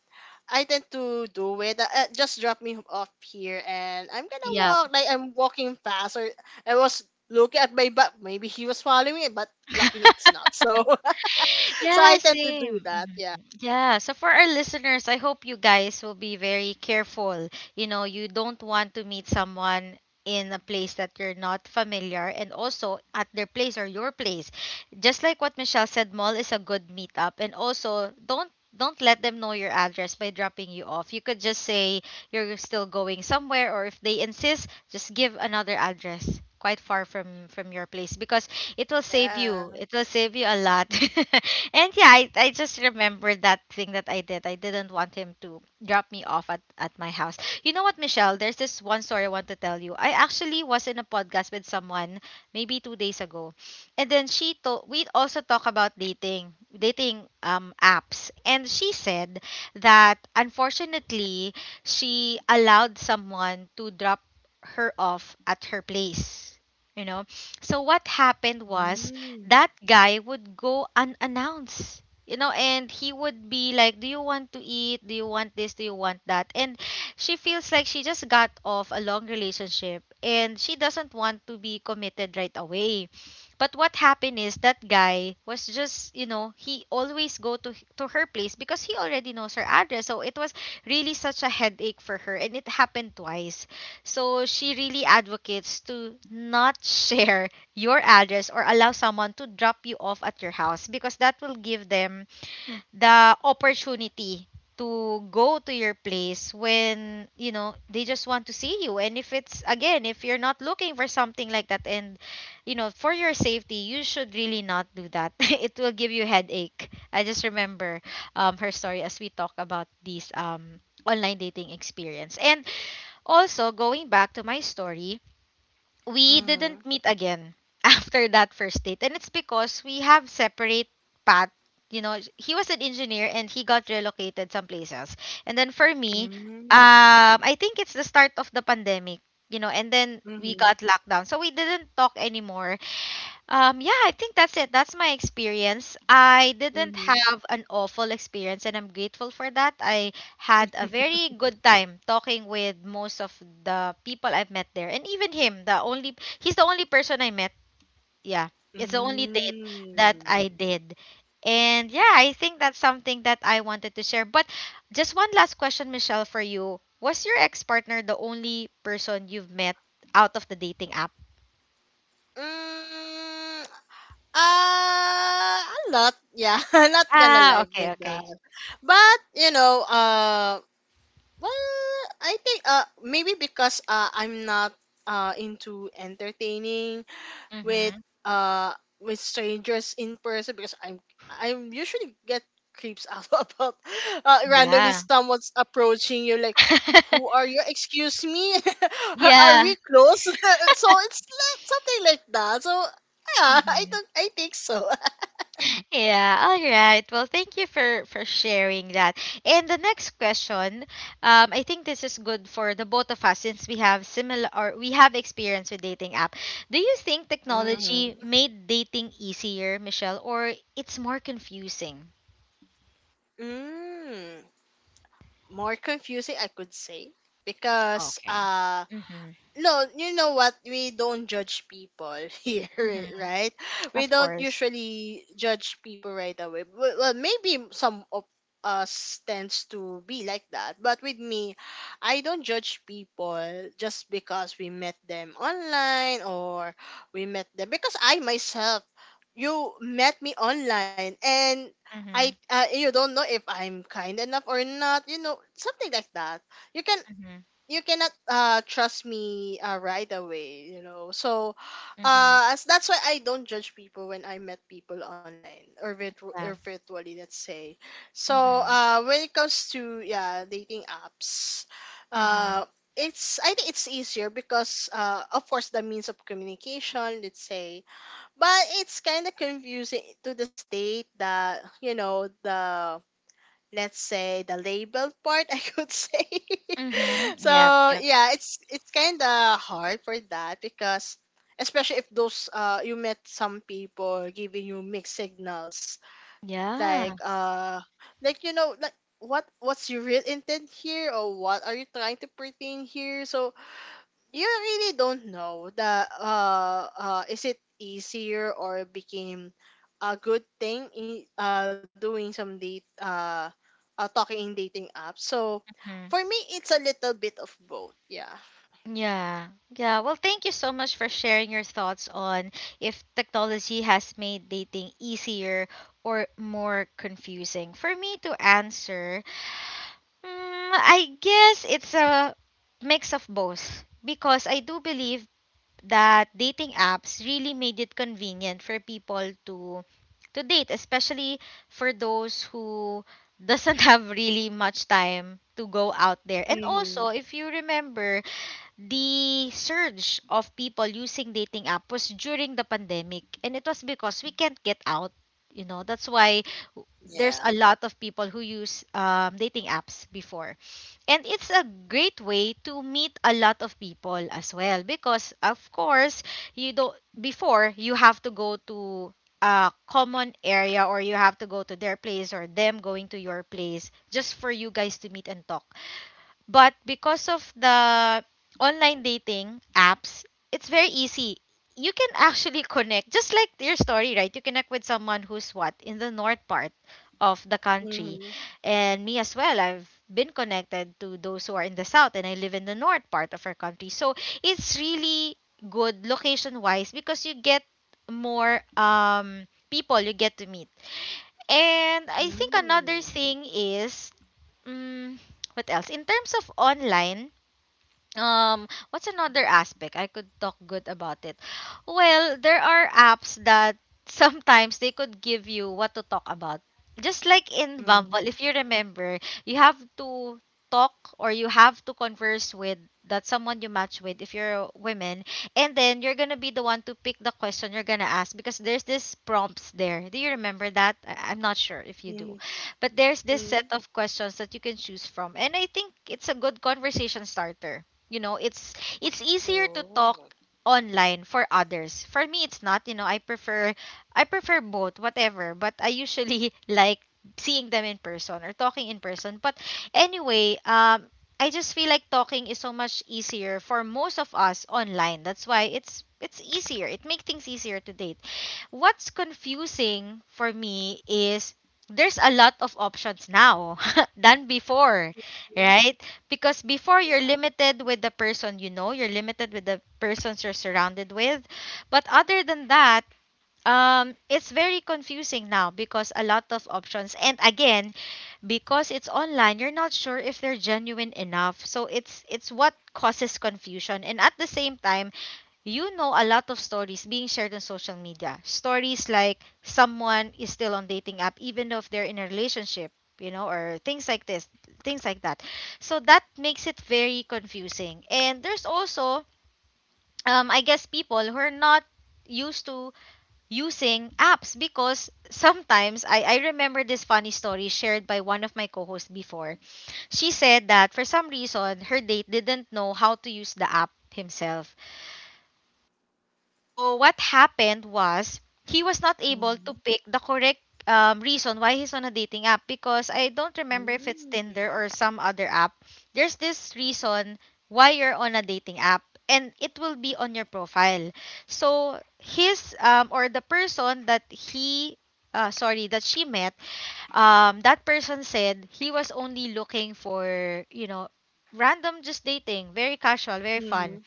[SPEAKER 2] I tend to do it. Just drop me off here, and I'm gonna
[SPEAKER 1] Yep.
[SPEAKER 2] walk. Like, I'm walking fast, or I was looking at my back. Maybe he was following me, but luckily it's not. So, so
[SPEAKER 1] Yeah,
[SPEAKER 2] I tend to do
[SPEAKER 1] same.
[SPEAKER 2] that.
[SPEAKER 1] Mhm.
[SPEAKER 2] Yeah.
[SPEAKER 1] Yeah. So for our listeners, I hope you guys will be very careful. You know, you don't want to meet someone in a place that you're not familiar, and also at their place or your place. Just like what Michelle said, mall is a good meetup, and also don't let them know your address by dropping you off. You could just say you're still going somewhere, or if they insist, just give another address quite far from your place, because it will save you.
[SPEAKER 2] Yeah.
[SPEAKER 1] It will save you a lot. And yeah, I just remembered that thing that I did. I didn't want him to drop me off at my house. You know what, Michelle? There's this one story I want to tell you. I actually was in a podcast with someone maybe 2 days ago. And then she told, we also talk about dating apps. And she said that unfortunately, she allowed someone to drop her off at her place, you know. So what happened was,
[SPEAKER 2] Mm.
[SPEAKER 1] that guy would go unannounced, you know, and he would be like, "Do you want to eat? Do you want this? Do you want that?" And she feels like she just got off a long relationship and she doesn't want to be committed right away. But what happened is, that guy was just, you know, he always go to her place because he already knows her address. So it was really such a headache for her, and it happened twice. So she really advocates to not share your address or allow someone to drop you off at your house, because that will give them the opportunity to go to your place when, you know, they just want to see you, and if it's, again, if you're not looking for something like that, and you know, for your safety, you should really not do that. It will give you headache. I just remember her story, as we talk about these online dating experience. And also, going back to my story, we
[SPEAKER 2] Mm.
[SPEAKER 1] didn't meet again after that first date. And it's because we have separate path. You know, he was an engineer and he got relocated someplace else. And then for me,
[SPEAKER 2] Mm.
[SPEAKER 1] I think it's the start of the pandemic, you know, and then we
[SPEAKER 2] Mm-hmm.
[SPEAKER 1] got locked down. So we didn't talk anymore. Yeah, I think that's it. That's my experience. I didn't
[SPEAKER 2] Mm-hmm.
[SPEAKER 1] have an awful experience, and I'm grateful for that. I had a very good time talking with most of the people I've met there, and even him. The only, he's the only person I met. Yeah, it's the only date that I
[SPEAKER 2] Mm.
[SPEAKER 1] did, and yeah, I think that's something that I wanted to share. But just one last question, Michelle, for you: was your ex partner the only person you've met out of the dating app?
[SPEAKER 2] Mm. A lot. Yeah, I'm not gonna
[SPEAKER 1] Ah,
[SPEAKER 2] lie
[SPEAKER 1] okay,
[SPEAKER 2] with
[SPEAKER 1] okay.
[SPEAKER 2] that. But you know, well, I think maybe because I'm not into entertaining with
[SPEAKER 1] Mm-hmm.
[SPEAKER 2] uh with strangers in person, because I'm usually get creeps out about, randomly
[SPEAKER 1] Yeah.
[SPEAKER 2] someone's approaching you, like, who are you? Excuse me. Are
[SPEAKER 1] Yeah.
[SPEAKER 2] we close? So it's like something like that. So yeah, I
[SPEAKER 1] Mhm.
[SPEAKER 2] don't I think so.
[SPEAKER 1] Yeah, all right. Well, thank you for sharing that. And the next question, I think this is good for the both of us since we have similar or we have experience with dating app. Do you think
[SPEAKER 2] Hmm.
[SPEAKER 1] technology made dating easier, Michelle, or it's more confusing?
[SPEAKER 2] mm, More confusing, I could say, because
[SPEAKER 1] Okay. Mhm.
[SPEAKER 2] no, you know what? We don't judge people here,
[SPEAKER 1] Mhm.
[SPEAKER 2] right? We
[SPEAKER 1] Of
[SPEAKER 2] don't
[SPEAKER 1] course.
[SPEAKER 2] usually judge people right away. Well, maybe some of us tends to be like that. But with me, I don't judge people just because we met them online, or we met them, because I myself, you met me online, and I,
[SPEAKER 1] Mhm.
[SPEAKER 2] you don't know if I'm kind enough or not. You know, something like that. you can
[SPEAKER 1] Mhm.
[SPEAKER 2] you cannot trust me right away, you know. So
[SPEAKER 1] Mhm.
[SPEAKER 2] as, that's why I don't judge people when I met people online, or,
[SPEAKER 1] Yeah.
[SPEAKER 2] virtually, let's say. So
[SPEAKER 1] Mhm.
[SPEAKER 2] when it comes to, yeah, dating apps,
[SPEAKER 1] Mhm.
[SPEAKER 2] uh it's, I think it's easier, because of course, the means of communication, let's say. But it's kind of confusing to the state that, you know, the let's say the label part. I could say.
[SPEAKER 1] Mhm.
[SPEAKER 2] So
[SPEAKER 1] Yep. Yep.
[SPEAKER 2] yeah, it's kind of hard for that, because especially if those, you met some people giving you mixed signals, like,
[SPEAKER 1] Yeah.
[SPEAKER 2] like you know like what, what's your real intent here, or what are you trying to pretend here? So you really don't know that, is it easier, or became a good thing in, doing some date, talking in dating apps. So for
[SPEAKER 1] Mm-hmm.
[SPEAKER 2] me, it's a little bit of both. Yeah.
[SPEAKER 1] Yeah. Yeah. Well, thank you so much for sharing your thoughts on if technology has made dating easier or more confusing. For me to answer, I guess it's a mix of both because I do believe that dating apps really made it convenient for people to date, especially for those who doesn't have really much time to go out there. And
[SPEAKER 2] Mm-hmm.
[SPEAKER 1] also, if you remember, the surge of people using dating app was during the pandemic, and it was because we can't get out. That's why there's
[SPEAKER 2] Yeah.
[SPEAKER 1] a lot of people who use dating apps before, and it's a great way to meet a lot of people as well. Because of course you don't, before you have to go to a common area, or you have to go to their place or them going to your place just for you guys to meet and talk. But because of the online dating apps, it's very easy. You can actually connect, just like your story, right? You connect with someone who's what in the north part of the country.
[SPEAKER 2] Mm-hmm.
[SPEAKER 1] And me as well, I've been connected to those who are in the south, and I live in the north part of our country. So it's really good location wise because you get more people you get to meet. And I think
[SPEAKER 2] Mm-hmm.
[SPEAKER 1] another thing is, mm, what else? In terms of online, what's another aspect I could talk good about it? Well, there are apps that sometimes they could give you what to talk about, just like in Bumble. If
[SPEAKER 2] Mm-hmm.
[SPEAKER 1] you remember, you have to talk, or you have to converse with that someone you match with if you're women, and then you're gonna be the one to pick the question you're gonna ask, because there's this prompts there. Do you remember that? I'm not sure if you do, but there's this
[SPEAKER 2] Mm-hmm.
[SPEAKER 1] set of questions that you can choose from, and I think it's a good conversation starter. You know, it's easier to talk
[SPEAKER 2] Oh.
[SPEAKER 1] online for others. For me it's not, you know. I prefer both, whatever, but I usually like seeing them in person or talking in person. But anyway, I just feel like talking is so much easier for most of us online. That's why it's easier, it makes things easier to date. What's confusing for me is there's a lot of options now than before, right? Because before, you're
[SPEAKER 2] Yeah.
[SPEAKER 1] limited with the person, you know, you're limited with the persons you're surrounded with. But other than that, it's very confusing now because a lot of options. And again, because it's online, you're not sure if they're genuine enough, so it's what causes confusion. And at the same time, you know, a lot of stories being shared on social media. Stories like someone is still on dating app even though if they're in a relationship, you know, or things like this, things like that. So that makes it very confusing. And there's also I guess people who are not used to using apps. Because sometimes I remember this funny story shared by one of my co-hosts before. She said that for some reason her date didn't know how to use the app himself. So what happened was he was not able to
[SPEAKER 2] Mm-hmm.
[SPEAKER 1] pick the correct reason why he's on a dating app, because I don't remember if it's Tinder
[SPEAKER 2] Mm.
[SPEAKER 1] or some other app. There's this reason why you're on a dating app and it will be on your profile. So his or the person that he sorry, that she met, that person said he was only looking for, you know, random, just dating, very casual, very
[SPEAKER 2] Mm-hmm.
[SPEAKER 1] fun.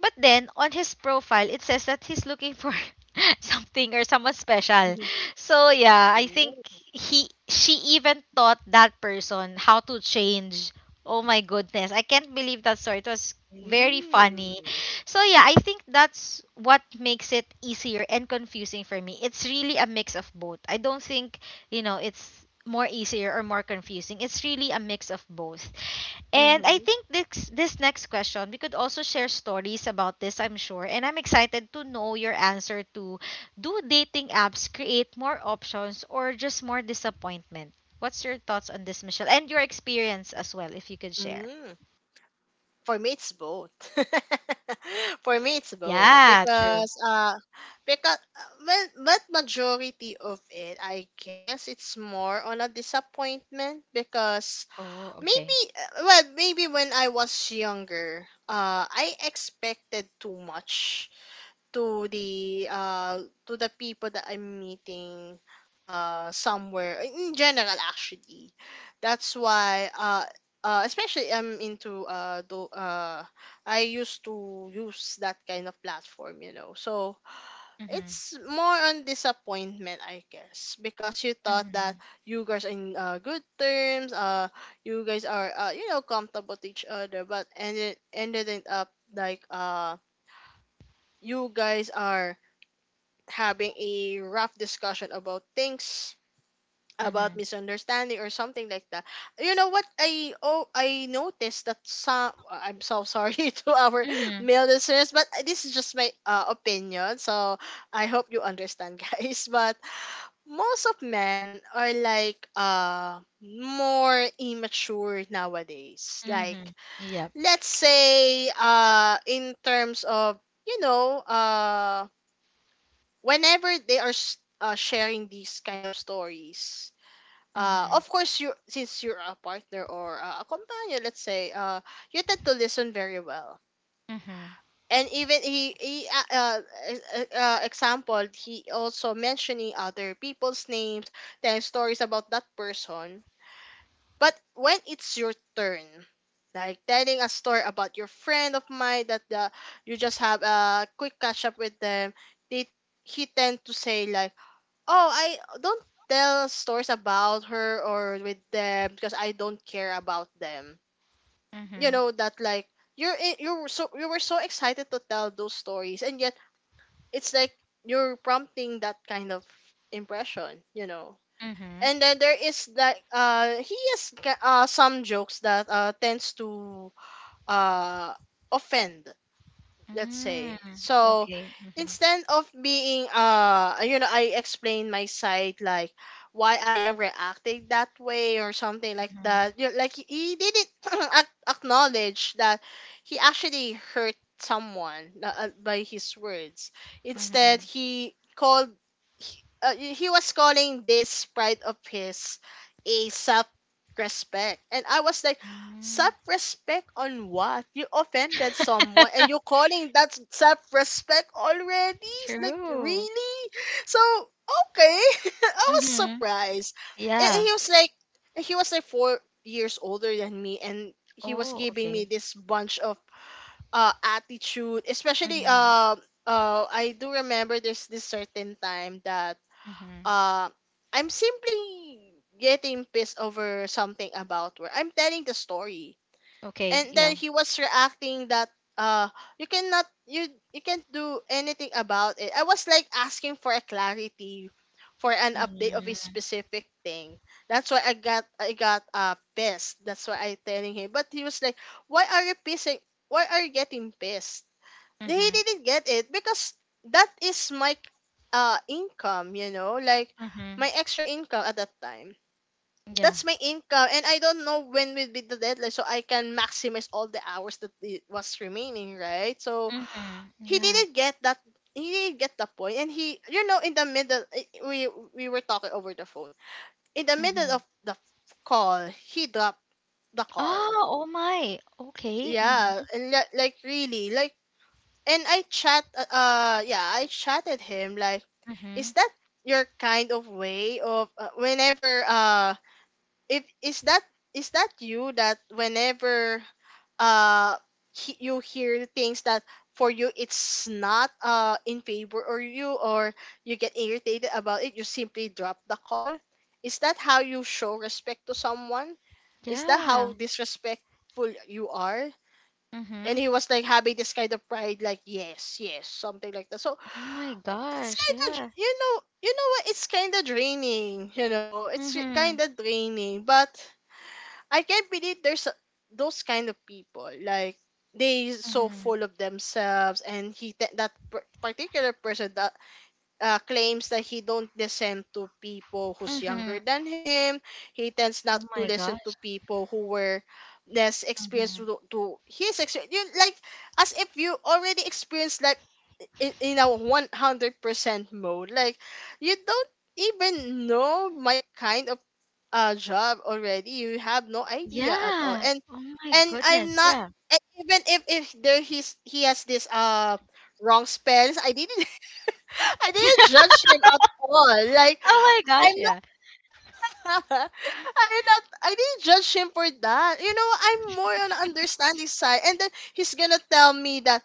[SPEAKER 1] But then on his profile it says that he's looking for something or someone special. So yeah, I think
[SPEAKER 2] Oh.
[SPEAKER 1] he, she even taught that person how to change. Oh my goodness. I can't believe that story. It was very funny.
[SPEAKER 2] Hmm.
[SPEAKER 1] So yeah, I think that's what makes it easier and confusing for me. It's really a mix of both. I don't think, you know, it's more easier or more confusing. It's really a mix of both. And I think this next question, we could also share stories about this, I'm sure. And I'm excited to know your answer to: do dating apps create more options or just more disappointment? What's your thoughts on this, Michelle? And your experience as well, if you could share.
[SPEAKER 2] Mm. For me, it's both. For me, it's both,
[SPEAKER 1] Yeah, true.
[SPEAKER 2] because well, but majority of it, I guess, it's more on a disappointment, because
[SPEAKER 1] Oh, okay.
[SPEAKER 2] maybe, well, maybe when I was younger, I expected too much to the people that I'm meeting somewhere in general actually. That's why especially I'm into, I used to use that kind of platform, you know. So
[SPEAKER 1] Mm-hmm.
[SPEAKER 2] it's more on disappointment, I guess, because you thought that
[SPEAKER 1] Mm-hmm.
[SPEAKER 2] you guys are in, good terms, you guys are, you know, comfortable with each other, but ended up like, you guys are having a rough discussion about things, about
[SPEAKER 1] Mm-hmm.
[SPEAKER 2] misunderstanding or something like that. You know what, I, oh, I noticed that some, I'm so sorry to our
[SPEAKER 1] Mm-hmm.
[SPEAKER 2] male listeners, but this is just my opinion, so I hope you understand, guys. But most of men are like more immature nowadays.
[SPEAKER 1] Mm-hmm.
[SPEAKER 2] Like,
[SPEAKER 1] Yep.
[SPEAKER 2] let's say, in terms of, you know, whenever they are sharing these kind of stories,
[SPEAKER 1] Mm-hmm.
[SPEAKER 2] of course, you, since you're a partner or, a companion, let's say, you tend to listen very well.
[SPEAKER 1] Mm-hmm.
[SPEAKER 2] And even he uh, uh, example, he also mentioning other people's names, telling stories about that person. But when it's your turn, like telling a story about your friend of mine that, you just have a quick catch up with them, they he tend to say like, oh, I don't tell stories about her or with them because I don't care about them. You
[SPEAKER 1] Mm-hmm.
[SPEAKER 2] know that like, you were so, you were so excited to tell those stories, and yet it's like you're prompting that kind of impression, you know.
[SPEAKER 1] Mm-hmm.
[SPEAKER 2] And then there is like, he has some jokes that tends to uh offend, let's
[SPEAKER 1] Mm.
[SPEAKER 2] say. So
[SPEAKER 1] Okay. Mm-hmm.
[SPEAKER 2] instead of being, you know, I explain my side, like why I am reacting that way or something like
[SPEAKER 1] Mm-hmm.
[SPEAKER 2] that. You like, he didn't acknowledge that he actually hurt someone, by his words. Instead,
[SPEAKER 1] Mm-hmm.
[SPEAKER 2] he called, he, he was calling this pride of his a self respect. And I was like,
[SPEAKER 1] Mm-hmm.
[SPEAKER 2] self-respect on what? You offended someone and you're calling that self-respect already? It's like,
[SPEAKER 1] True.
[SPEAKER 2] really? So okay, I was
[SPEAKER 1] Mm-hmm.
[SPEAKER 2] surprised. And
[SPEAKER 1] Yeah.
[SPEAKER 2] he was like 4 years older than me, and he was
[SPEAKER 1] Oh,
[SPEAKER 2] giving me
[SPEAKER 1] okay.
[SPEAKER 2] this bunch of attitude, especially
[SPEAKER 1] Mm-hmm.
[SPEAKER 2] I do remember there's this certain time that
[SPEAKER 1] Mm-hmm.
[SPEAKER 2] uh I'm simply getting pissed over something about where I'm telling the story,
[SPEAKER 1] Okay,
[SPEAKER 2] and
[SPEAKER 1] yeah.
[SPEAKER 2] then he was reacting that uh you cannot you can't do anything about it. I was like asking for a clarity, for an update of a
[SPEAKER 1] Mm-hmm.
[SPEAKER 2] specific thing. That's why I got pissed, that's why I telling him, but he was like, why are you pissing, why are you getting pissed? They
[SPEAKER 1] Mm-hmm.
[SPEAKER 2] didn't get it because that is my income, you know, like
[SPEAKER 1] Mm-hmm.
[SPEAKER 2] my extra income at that time.
[SPEAKER 1] Yeah.
[SPEAKER 2] That's my income and I don't know when will be the deadline, so I can maximize all the hours that it was remaining, right? So
[SPEAKER 1] Mm-hmm.
[SPEAKER 2] he
[SPEAKER 1] Yeah.
[SPEAKER 2] didn't get that, he didn't get the point. And he, you know, in the middle we were talking over the phone. In the middle
[SPEAKER 1] Mm-hmm.
[SPEAKER 2] of the call he dropped the call.
[SPEAKER 1] Oh, oh my. Okay.
[SPEAKER 2] Yeah,
[SPEAKER 1] Mm-hmm.
[SPEAKER 2] and like really, like. And I chat yeah, I chatted him like, is
[SPEAKER 1] Mm-hmm.
[SPEAKER 2] that your kind of way of whenever if is that is that you, that whenever uh you hear things that for you it's not in favor or you, or you get irritated about it, you simply drop the call? Is that how you show respect to someone? Is that how
[SPEAKER 1] Yeah.
[SPEAKER 2] disrespectful you are? And
[SPEAKER 1] Mm-hmm.
[SPEAKER 2] he was like having this kind of pride, like yes, yes, something like that. So
[SPEAKER 1] Oh my
[SPEAKER 2] it's
[SPEAKER 1] gosh.
[SPEAKER 2] kind of,
[SPEAKER 1] Yeah.
[SPEAKER 2] you know what, it's kind of draining, you know, it's kind
[SPEAKER 1] Mm-hmm.
[SPEAKER 2] of draining. But I can't believe there's those kind of people. Like, they so
[SPEAKER 1] Mm-hmm.
[SPEAKER 2] full of themselves, and he te- that per- particular person that claims that he don't listen to people who's younger
[SPEAKER 1] Mm-hmm.
[SPEAKER 2] than him. He tends not
[SPEAKER 1] Oh
[SPEAKER 2] to
[SPEAKER 1] my
[SPEAKER 2] listen to
[SPEAKER 1] gosh.
[SPEAKER 2] people who were less experienced
[SPEAKER 1] Mm-hmm.
[SPEAKER 2] to his experience. You, like, as if you already experienced life in a 100% mode. Like, you don't even know my kind of a job already, you have no idea at all.
[SPEAKER 1] Yeah.
[SPEAKER 2] and
[SPEAKER 1] Oh my
[SPEAKER 2] and I'm
[SPEAKER 1] goodness.
[SPEAKER 2] not,
[SPEAKER 1] Yeah.
[SPEAKER 2] and even if there, he's, he has this wrong spells. I didn't I didn't judge him at all. Like,
[SPEAKER 1] Oh my
[SPEAKER 2] I'm
[SPEAKER 1] gosh. Yeah.
[SPEAKER 2] I did not, I didn't judge him for that. You know, I'm more on understanding side. And then he's gonna tell me that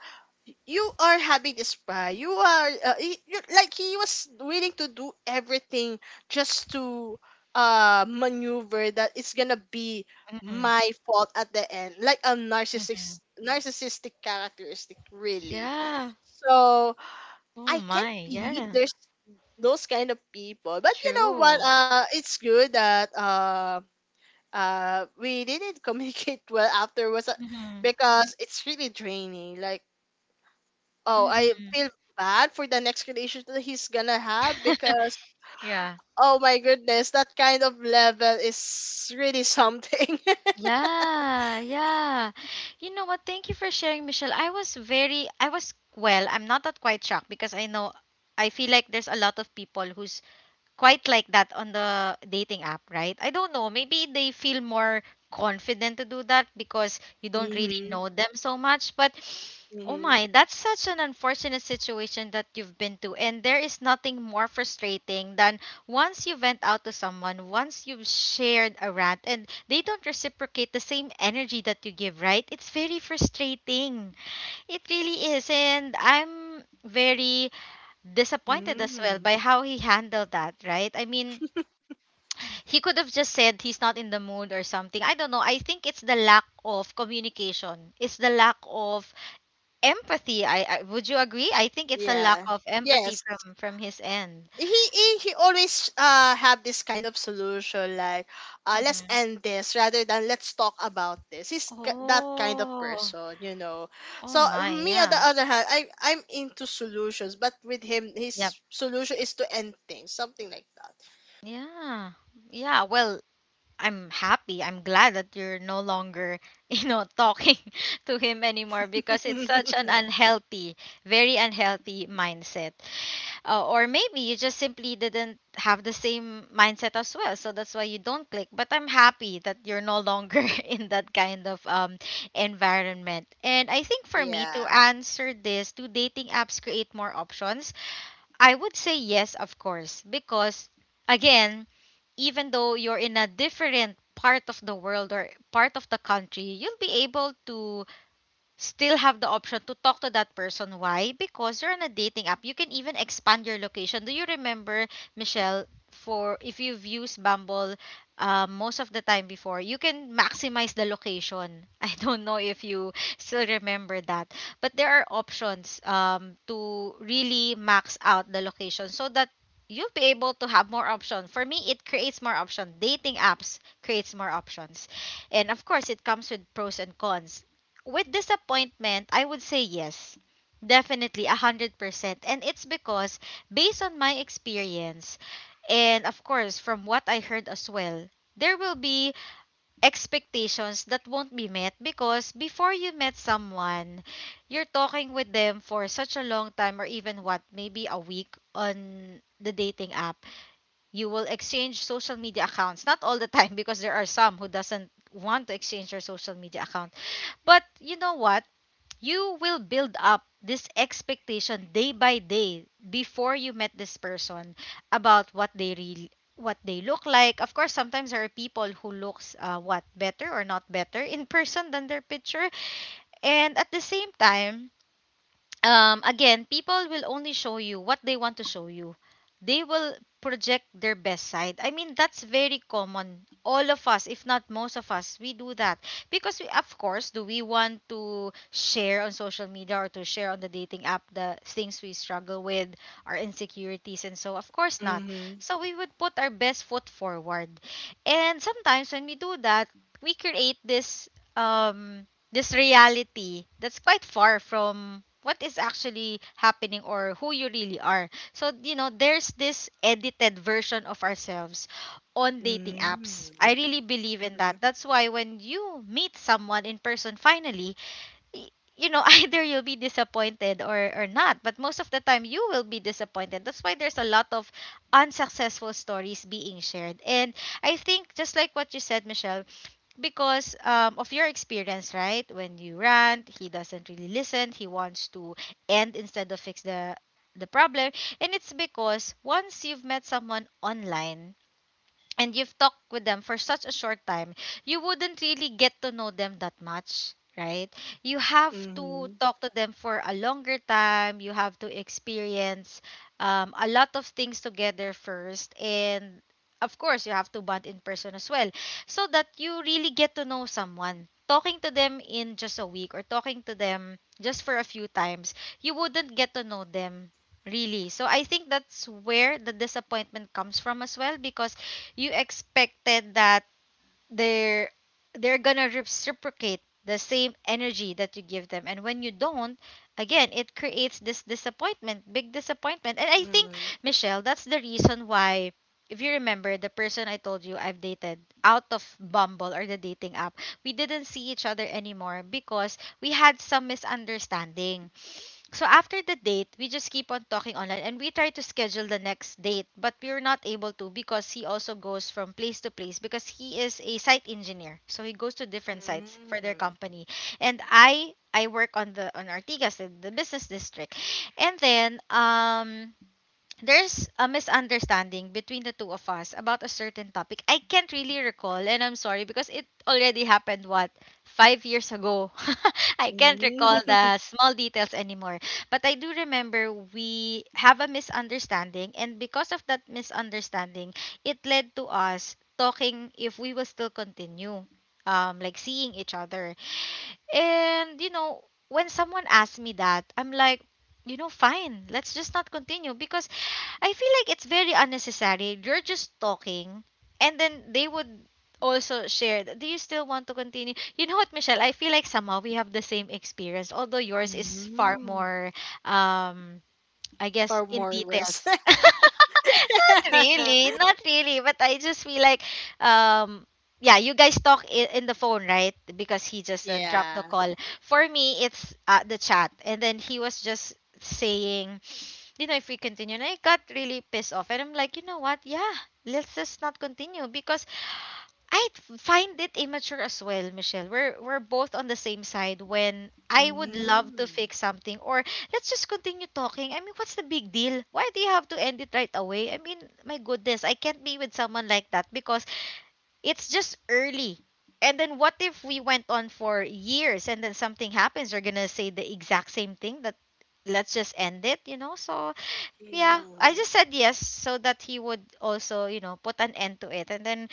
[SPEAKER 2] you are having this pride. You are you, like, he was willing to do everything just to maneuver that it's gonna be
[SPEAKER 1] Mm-hmm.
[SPEAKER 2] my fault at the end. Like a narcissistic
[SPEAKER 1] Mm-hmm.
[SPEAKER 2] narcissistic characteristic, really.
[SPEAKER 1] Yeah.
[SPEAKER 2] So
[SPEAKER 1] Oh
[SPEAKER 2] I can't
[SPEAKER 1] my.
[SPEAKER 2] believe
[SPEAKER 1] Yeah.
[SPEAKER 2] there's those kind of people. But you know what?
[SPEAKER 1] True.
[SPEAKER 2] It's good that we didn't communicate well afterwards,
[SPEAKER 1] Mm-hmm.
[SPEAKER 2] because it's really draining. Like, oh, I
[SPEAKER 1] Mm-hmm.
[SPEAKER 2] feel bad for the next relationship that he's gonna have because,
[SPEAKER 1] Yeah.
[SPEAKER 2] oh my goodness, that kind of level is really something.
[SPEAKER 1] Yeah, yeah. You know what? Thank you for sharing, Michelle. I was very, I was, well, I'm not that quite shocked, because I know, I feel like there's a lot of people who's quite like that on the dating app, right? I don't know. Maybe they feel more confident to do that because you don't really
[SPEAKER 2] Mm-hmm,
[SPEAKER 1] know them so much. But oh
[SPEAKER 2] mm-hmm,
[SPEAKER 1] my, that's such an unfortunate situation that you've been to. And there is nothing more frustrating than, once you vent out to someone, once you've shared a rant, and they don't reciprocate the same energy that you give, right? It's very frustrating. It really is. And I'm very disappointed as well
[SPEAKER 2] mm-hmm.
[SPEAKER 1] by how he handled that, right? I mean, he could have just said he's not in the mood or something. I don't know. I think it's the lack of communication. It's the lack of empathy. I would you agree? I think it's a lack
[SPEAKER 2] Yeah.
[SPEAKER 1] of empathy
[SPEAKER 2] Yes.
[SPEAKER 1] from his end.
[SPEAKER 2] He always have this kind of solution, like let's
[SPEAKER 1] Mm-hmm.
[SPEAKER 2] end this rather than let's talk about this. He's that kind of
[SPEAKER 1] Oh,
[SPEAKER 2] person, you know.
[SPEAKER 1] oh
[SPEAKER 2] So
[SPEAKER 1] my,
[SPEAKER 2] me, on the
[SPEAKER 1] yeah,
[SPEAKER 2] other hand, I'm into solutions, but with him
[SPEAKER 1] yep,
[SPEAKER 2] his solution is to end things, something like that.
[SPEAKER 1] yeah, yeah. Well, I'm happy. I'm glad that you're no longer, you know, talking to him anymore, because it's such an unhealthy, very unhealthy mindset. Or maybe you just simply didn't have the same mindset as well. So that's why you don't click. But I'm happy that you're no longer in that kind of environment. And I think for me to
[SPEAKER 2] Yeah.
[SPEAKER 1] answer this: do dating apps create more options? I would say yes, of course, because again, even though you're in a different part of the world or part of the country, you'll be able to still have the option to talk to that person. Why? Because you're on a dating app. You can even expand your location. Do you remember, Michelle, for if you've used Bumble most of the time before, you can maximize the location. I don't know if you still remember that. But there are options to really max out the location so that you'll be able to have more options. For me, it creates more options. Dating apps creates more options. And of course, it comes with pros and cons. With disappointment, I would say yes. Definitely 100%. And it's because, based on my experience, and of course, from what I heard as well, there will be expectations that won't be met. Because before you met someone, you're talking with them for such a long time, or even what, maybe a week on the dating app. You will exchange social media accounts. Not all the time, because there are some who doesn't want to exchange their social media account. But you know what? You will build up this expectation day by day before you met this person about what they really, what they look like. Of course, sometimes there are people who looks what better or not better in person than their picture. And at the same time, again, people will only show you what they want to show you. They will project their best side. I mean, that's very common. All of us, if not most of us, we do that. Because, we, of course, do we want to share on social media or to share on the dating app the things we struggle with, our insecurities, and so? Of course not.
[SPEAKER 2] Mm-hmm,
[SPEAKER 1] So, we would put our best foot forward. And sometimes when we do that, we create this. Um, this reality that's quite far from what is actually happening or who you really are. So, you know, there's this edited version of ourselves on dating
[SPEAKER 2] mm-hmm,
[SPEAKER 1] apps. I really believe in that. That's why when you meet someone in person finally, y- you know, either you'll be disappointed or not, but most of the time you will be disappointed. That's why there's a lot of unsuccessful stories being shared. And I think just like what you said, Michelle, because of your experience, right? When you rant, he doesn't really listen. He wants to end instead of fix the problem. And it's because once you've met someone online and you've talked with them for such a short time, you wouldn't really get to know them that much, right? You have
[SPEAKER 2] mm-hmm,
[SPEAKER 1] to
[SPEAKER 2] mm-hmm,
[SPEAKER 1] talk to them for a longer time. You have to experience a lot of things together first. And of course, you have to bond in person as well so that you really get to know someone. Talking to them in just a week or talking to them just for a few times, you wouldn't get to know them really. So I think that's where the disappointment comes from as well, because you expected that they're they're gonna reciprocate the same energy that you give them, and when you don't, again it creates this disappointment, big disappointment. And I think, Michelle, that's the reason why. If you remember the person I told you I've dated out of Bumble or the dating app, we didn't see each other anymore because we had some misunderstanding. So after the date, we just keep on talking online and we try to schedule the next date, but we're not able to because he also goes from place to place, because he is a site engineer. So he goes to different sites for their company. And I work on the on Artigas, the business district. And then there's a misunderstanding between the two of us about a certain topic. I can't really recall, and I'm sorry because it already happened, what, 5 years ago. I can't recall
[SPEAKER 2] mm-hmm,
[SPEAKER 1] the small details anymore. But I do remember we have a misunderstanding, and because of that misunderstanding, it led to us talking if we will still continue. Like seeing each other, and you know, when someone asks me that, I'm like, you know, fine, let's just not continue because I feel like it's very unnecessary. You're just talking, and then they would also share that, do you still want to continue? You know what, Michelle? I feel like somehow we have the same experience, although yours
[SPEAKER 2] mm-hmm.
[SPEAKER 1] is far more um I guess
[SPEAKER 2] For
[SPEAKER 1] in
[SPEAKER 2] more risk.
[SPEAKER 1] details. Not really, not really. But I just feel like, um, yeah, you guys talk in the phone, right? Because he just dropped the
[SPEAKER 2] Yeah.
[SPEAKER 1] call. For me, it's the chat, and then he was just saying, you know, if we continue, and I got really pissed off, and I'm like, you know what? Yeah, let's just not continue because I find it immature as well, Michelle. We're both on the same side when I would love to
[SPEAKER 2] Mm-hmm.
[SPEAKER 1] fix something or let's just continue talking. I mean, what's the big deal? Why do you have to end it right away? I mean, my goodness, I can't be with someone like that because it's just early. And then what if we went on for years and then something happens? You're gonna say the exact same thing, that let's just end it, you know? So yeah, I just said yes so that he would also, you know, put an end to it. And then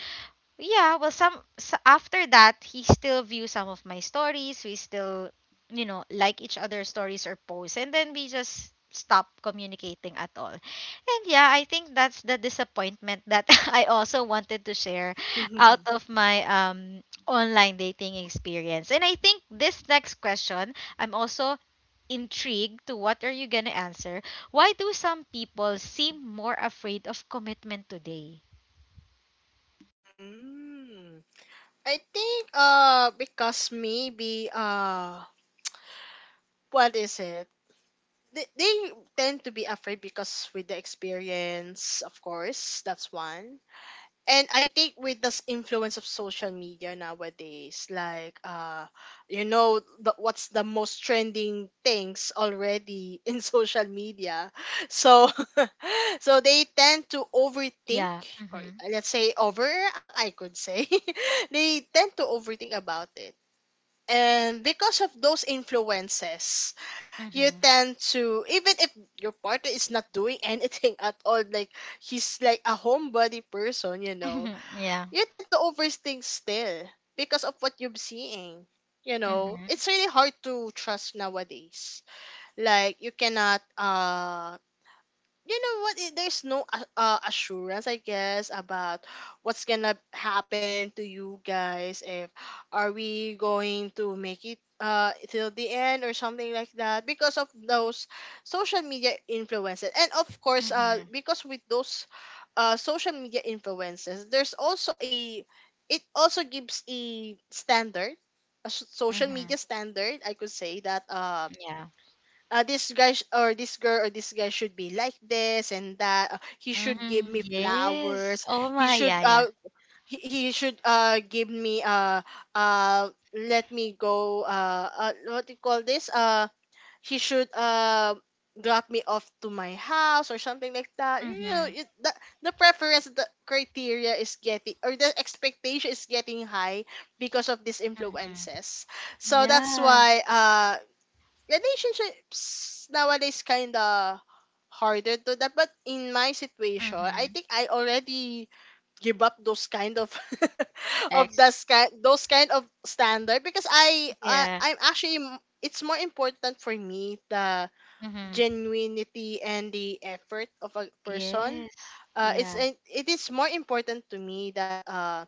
[SPEAKER 1] yeah, well, some s after that, he still views some of my stories. We still, you know, like each other's stories or posts, and then we just stop communicating at all. And yeah, I think that's the disappointment that I also wanted to share out of my online dating experience. And I think this next question, I'm also intrigued to what are you gonna answer? Why do some people seem more afraid of commitment today?
[SPEAKER 2] Mm. I think because maybe what is it? They tend to be afraid because with the experience, of course, that's one. And I think with this influence of social media nowadays, like, you know, the, what's the most trending things already in social media, so so they tend to overthink,
[SPEAKER 1] Yeah.
[SPEAKER 2] or
[SPEAKER 1] Mm-hmm.
[SPEAKER 2] let's say overact. I could say they tend to overthink about it. And because of those influences, you
[SPEAKER 1] Mm-hmm.
[SPEAKER 2] tend to, even if your partner is not doing anything at all, like he's like a homebody person, you know,
[SPEAKER 1] Mhm, yeah.
[SPEAKER 2] you tend to overthink still because of what you're seeing. You know,
[SPEAKER 1] Mhm,
[SPEAKER 2] it's really hard to trust nowadays. Like, you cannot you know what, there's no assurance, I guess, about what's gonna happen to you guys, if are we going to make it till the end or something like that, because of those social media influences. And of course,
[SPEAKER 1] mhm,
[SPEAKER 2] because with those social media influences, there's also a, it also gives a standard, a social media
[SPEAKER 1] mhm,
[SPEAKER 2] standard, I could say that.
[SPEAKER 1] yeah.
[SPEAKER 2] This guy or this girl or this guy should be like this and that. He should give
[SPEAKER 1] Mhm,
[SPEAKER 2] me
[SPEAKER 1] yes.
[SPEAKER 2] flowers.
[SPEAKER 1] Oh
[SPEAKER 2] He
[SPEAKER 1] my,
[SPEAKER 2] should
[SPEAKER 1] yeah, yeah.
[SPEAKER 2] he should give me let me go, what do you call this, he should drop me off to my house or something like that. You know,
[SPEAKER 1] Mhm,
[SPEAKER 2] it, the preference, the criteria is getting, or the expectation is getting high because of these
[SPEAKER 1] mhm,
[SPEAKER 2] influences. So that's
[SPEAKER 1] yeah.
[SPEAKER 2] why relationships nowadays kind of harder to that. But in my situation, I
[SPEAKER 1] Mhm.
[SPEAKER 2] think I already give up those kind of of
[SPEAKER 1] Ex,
[SPEAKER 2] that kind, those kind of standard, because
[SPEAKER 1] yeah.
[SPEAKER 2] I'm actually it's more important for me, the
[SPEAKER 1] Mhm,
[SPEAKER 2] genuinity and the effort of a person.
[SPEAKER 1] yes,
[SPEAKER 2] It's
[SPEAKER 1] yeah.
[SPEAKER 2] it, it is more important to me that uh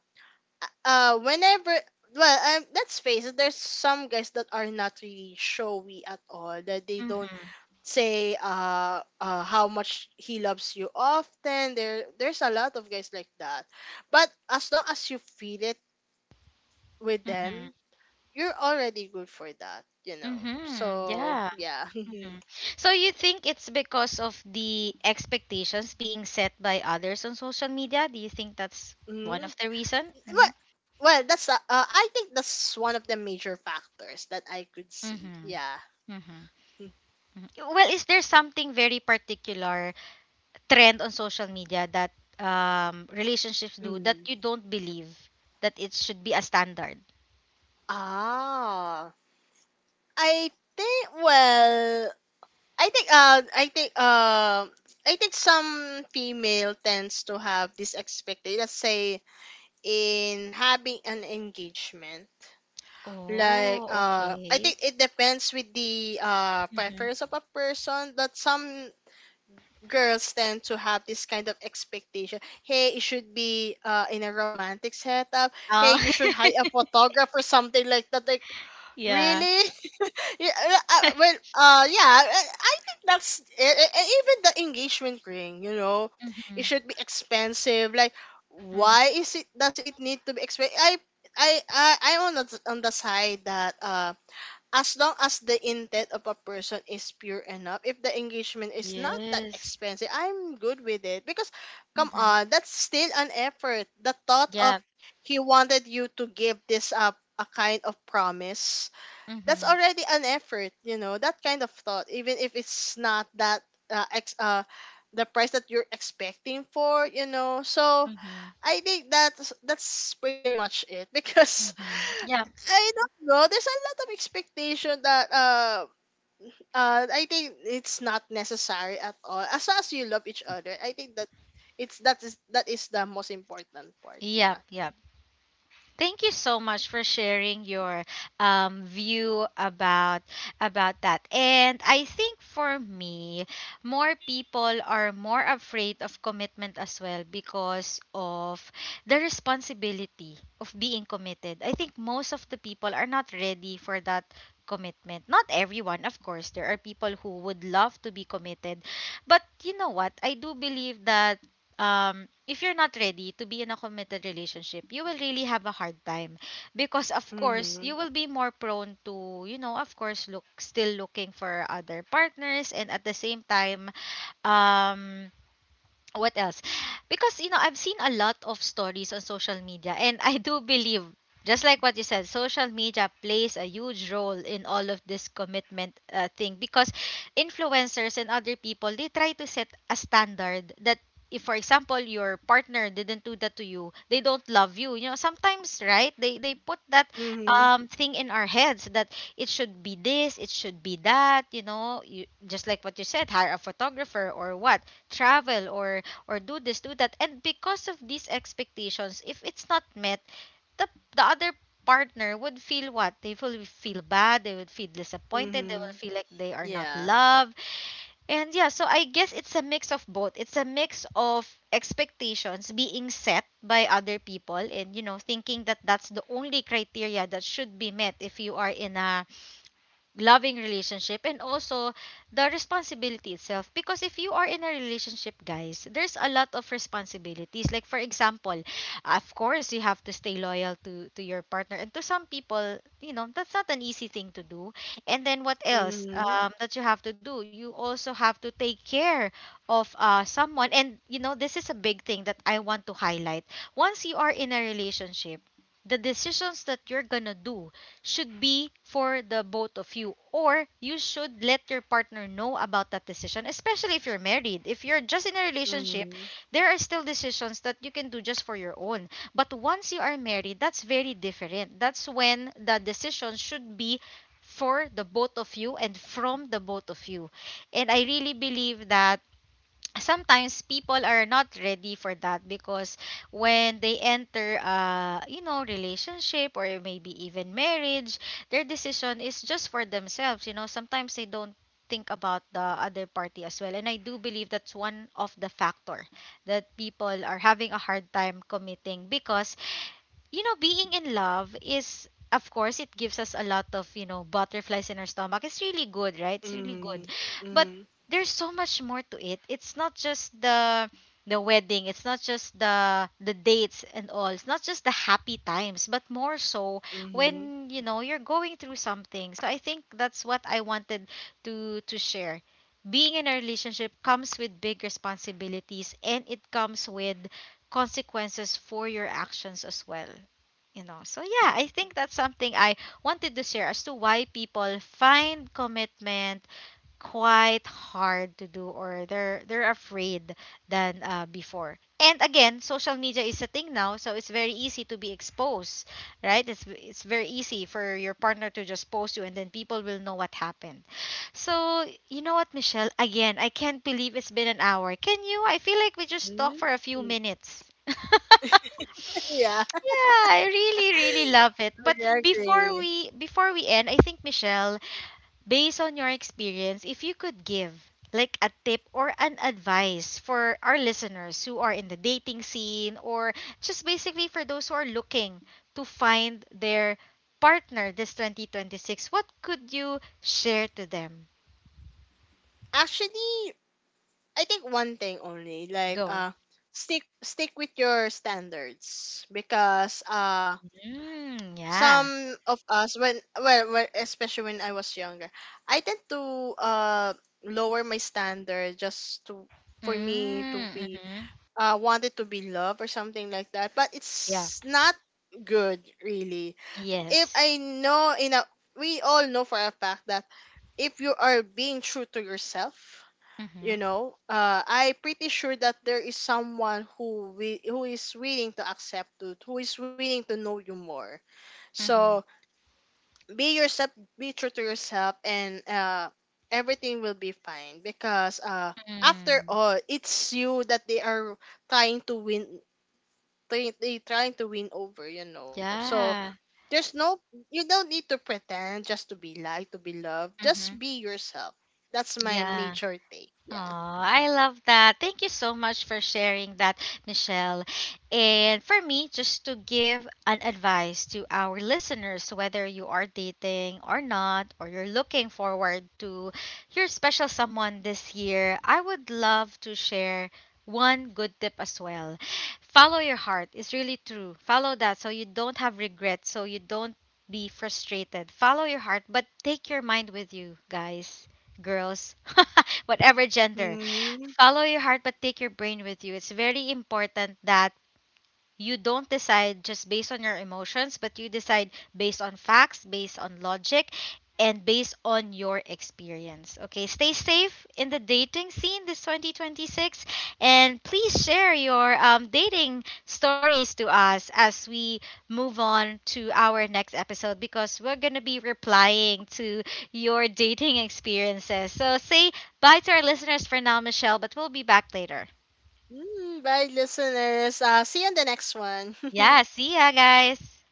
[SPEAKER 2] uh whenever, well, um, let's face it, there's some guys that are not really showy at all, that they don't
[SPEAKER 1] Mhm,
[SPEAKER 2] say how much he loves you often. There, there's a lot of guys like that, but as long as you feel it with
[SPEAKER 1] mhm,
[SPEAKER 2] them, you're already good for that, you know.
[SPEAKER 1] mhm,
[SPEAKER 2] So
[SPEAKER 1] yeah.
[SPEAKER 2] yeah.
[SPEAKER 1] Mhm. So you think it's because of the expectations being set by others on social media? Do you think that's one
[SPEAKER 2] Mm.
[SPEAKER 1] of the reason?
[SPEAKER 2] But
[SPEAKER 1] Mhm,
[SPEAKER 2] well, that's I think that's one of the major factors that I could see,
[SPEAKER 1] mhm.
[SPEAKER 2] yeah.
[SPEAKER 1] Mm-hmm. Mm-hmm. Well, is there something very particular trend on social media that relationships do that
[SPEAKER 2] Mm.
[SPEAKER 1] you don't believe that it should be a standard.
[SPEAKER 2] Ah, I think, well, I think I think, um, I think some female tends to have this expectation. Let's say in having an engagement, like,
[SPEAKER 1] Oh,
[SPEAKER 2] I
[SPEAKER 1] okay.
[SPEAKER 2] think it depends with the
[SPEAKER 1] Mm-hmm.
[SPEAKER 2] preference of a person, that some girls tend to have this kind of expectation. Hey, it should be in a romantic setup. Hey,
[SPEAKER 1] Uh,
[SPEAKER 2] you should hire a photographer, something like that. Like,
[SPEAKER 1] yeah.
[SPEAKER 2] really? Yeah, well, yeah, I think that's it. Even the engagement ring, you know, it
[SPEAKER 1] Mm-hmm.
[SPEAKER 2] should be expensive. Like, why
[SPEAKER 1] Mm-hmm.
[SPEAKER 2] is it? Does it need to be expensive? I'm on the side that, as long as the intent of a person is pure enough, if the engagement is not that
[SPEAKER 1] Yes.
[SPEAKER 2] expensive, I'm good with it, because come
[SPEAKER 1] Mm-hmm.
[SPEAKER 2] on, that's still an effort. The thought of
[SPEAKER 1] Yeah.
[SPEAKER 2] he wanted you to give this up a kind of promise, that's
[SPEAKER 1] Mm-hmm.
[SPEAKER 2] already an effort, you know, that kind of thought, even if it's not that ex the price that you're expecting for, you know. So
[SPEAKER 1] Mm-hmm.
[SPEAKER 2] I think that's pretty much it. Because
[SPEAKER 1] Mm-hmm. Yeah.
[SPEAKER 2] I don't know, there's a lot of expectation that I think it's not necessary at all. As long as you love each other, I think that it's, that is the most important part, yeah.
[SPEAKER 1] Yep. Yep. Thank you so much for sharing your view about that. And I think for me, more people are more afraid of commitment as well because of the responsibility of being committed. I think most of the people are not ready for that commitment. Not everyone, of course. There are people who would love to be committed, but you know what? I do believe that if you're not ready to be in a committed relationship, you will really have a hard time because of course
[SPEAKER 2] Mm-hmm,
[SPEAKER 1] you will be more prone to, you know, of course, look still looking for other partners and at the same time, um, what else? Because you know, I've seen a lot of stories on social media and I do believe just like what you said, social media plays a huge role in all of this commitment thing because influencers and other people they try to set a standard that if for example your partner didn't do that to you, they don't love you. You know, sometimes right? They put that
[SPEAKER 2] mm-hmm,
[SPEAKER 1] thing in our heads that it should be this, it should be that, you know, you, just like what you said, hire a photographer or what travel or do this, do that. And because of these expectations, if it's not met, the, the other partner would feel what? They will feel bad, they would feel disappointed, they will
[SPEAKER 2] mm-hmm.
[SPEAKER 1] feel like they are not
[SPEAKER 2] Yeah.
[SPEAKER 1] loved. And yeah, so I guess it's a mix of both. It's a mix of expectations being set by other people and you know thinking that that's the only criteria that should be met if you are in a loving relationship, and also the responsibility itself, because if you are in a relationship guys, there's a lot of responsibilities. Like for example, of course you have to stay loyal to your partner, and to some people you know that's not an easy thing to do. And then what else,
[SPEAKER 2] Mm-hmm,
[SPEAKER 1] that you have to do. You also have to take care of someone, and you know this is a big thing that I want to highlight. Once you are in a relationship, the decisions that you're gonna do should be for the both of you, or you should let your partner know about that decision. Especially if you're married. If you're just in a relationship,
[SPEAKER 2] mm-hmm.
[SPEAKER 1] there are still decisions that you can do just for your own, but once you are married, that's very different. That's when the decision should be for the both of you and from the both of you. And I really believe that sometimes people are not ready for that because when they enter a you know relationship or maybe even marriage, their decision is just for themselves, you know. Sometimes they don't think about the other party as well, and I do believe that's one of the factor that people are having a hard time committing, because you know, being in love is, of course, it gives us a lot of, you know, butterflies in our stomach. It's really good, right? It's really good.
[SPEAKER 2] Mm-hmm.
[SPEAKER 1] But
[SPEAKER 2] Mm-hmm.
[SPEAKER 1] there's so much more to it. It's not just the wedding, it's not just the dates and all. It's not just the happy times, but more so
[SPEAKER 2] Mm-hmm.
[SPEAKER 1] when, you know, you're going through something. So I think that's what I wanted to share. Being in a relationship comes with big responsibilities and it comes with consequences for your actions as well, you know. So yeah, I think that's something I wanted to share as to why people find commitment quite hard to do, or they're afraid than before. And again, social media is a thing now, so it's very easy to be exposed, right? It's very easy for your partner to just post you and then people will know what happened. So you know what, Michelle, again, I can't believe it's been an hour. Can you? I feel like we just talked
[SPEAKER 2] Yeah.
[SPEAKER 1] for a few minutes.
[SPEAKER 2] Yeah. I
[SPEAKER 1] Yeah, I really really love it. But
[SPEAKER 2] agree.
[SPEAKER 1] before we end, I think Michelle, based on your experience, if you could give like a tip or an advice for our listeners who are in the dating scene or just basically for those who are looking to find their partner this 2026, what could you share to them?
[SPEAKER 2] Actually, I think one thing only, like,
[SPEAKER 1] Go.
[SPEAKER 2] stick with your standards, because
[SPEAKER 1] Mm, yeah.
[SPEAKER 2] some of us when, well, well especially when I was younger, I tend to uh lower my standard just to, for me to
[SPEAKER 1] Mm,
[SPEAKER 2] be
[SPEAKER 1] mm-hmm.
[SPEAKER 2] wanted to be loved or something like that. But
[SPEAKER 1] Yeah.
[SPEAKER 2] it's not good really. If I
[SPEAKER 1] Yes.
[SPEAKER 2] know in a, we all know for a fact that if you are being true to yourself, you
[SPEAKER 1] Mm-hmm.
[SPEAKER 2] know, I pretty sure that there is someone who who is willing to accept it, who is willing to know you more. So
[SPEAKER 1] Mm-hmm.
[SPEAKER 2] be yourself, be true to yourself, and everything will be fine, because after
[SPEAKER 1] Mm.
[SPEAKER 2] all it's you that they are trying to win, they trying to win over, you know. So
[SPEAKER 1] Yeah.
[SPEAKER 2] there's no, you don't need to pretend just to be liked, to be loved.
[SPEAKER 1] Mm-hmm.
[SPEAKER 2] Just be yourself. That's my
[SPEAKER 1] Yeah.
[SPEAKER 2] major take.
[SPEAKER 1] Oh,
[SPEAKER 2] Yeah.
[SPEAKER 1] I love that. Thank you so much for sharing that, Michelle. And for me, just to give an advice to our listeners, whether you are dating or not, or you're looking forward to your special someone this year, I would love to share one good tip as well. Follow your heart. It's really true. Follow that so you don't have regrets, so you don't be frustrated. Follow your heart, but take your mind with you, guys, girls, whatever gender.
[SPEAKER 2] Mm-hmm.
[SPEAKER 1] Follow your heart, but take your brain with you. It's very important that you don't decide just based on your emotions, but you decide based on facts, based on logic, and based on your experience. Okay, stay safe in the dating scene this 2026, and please share your dating stories to us as we move on to our next episode because we're going to be replying to your dating experiences. So say bye to our listeners for now, Michelle, but we'll be back later.
[SPEAKER 2] Bye listeners. See you on the next one.
[SPEAKER 1] Yeah, see ya, guys.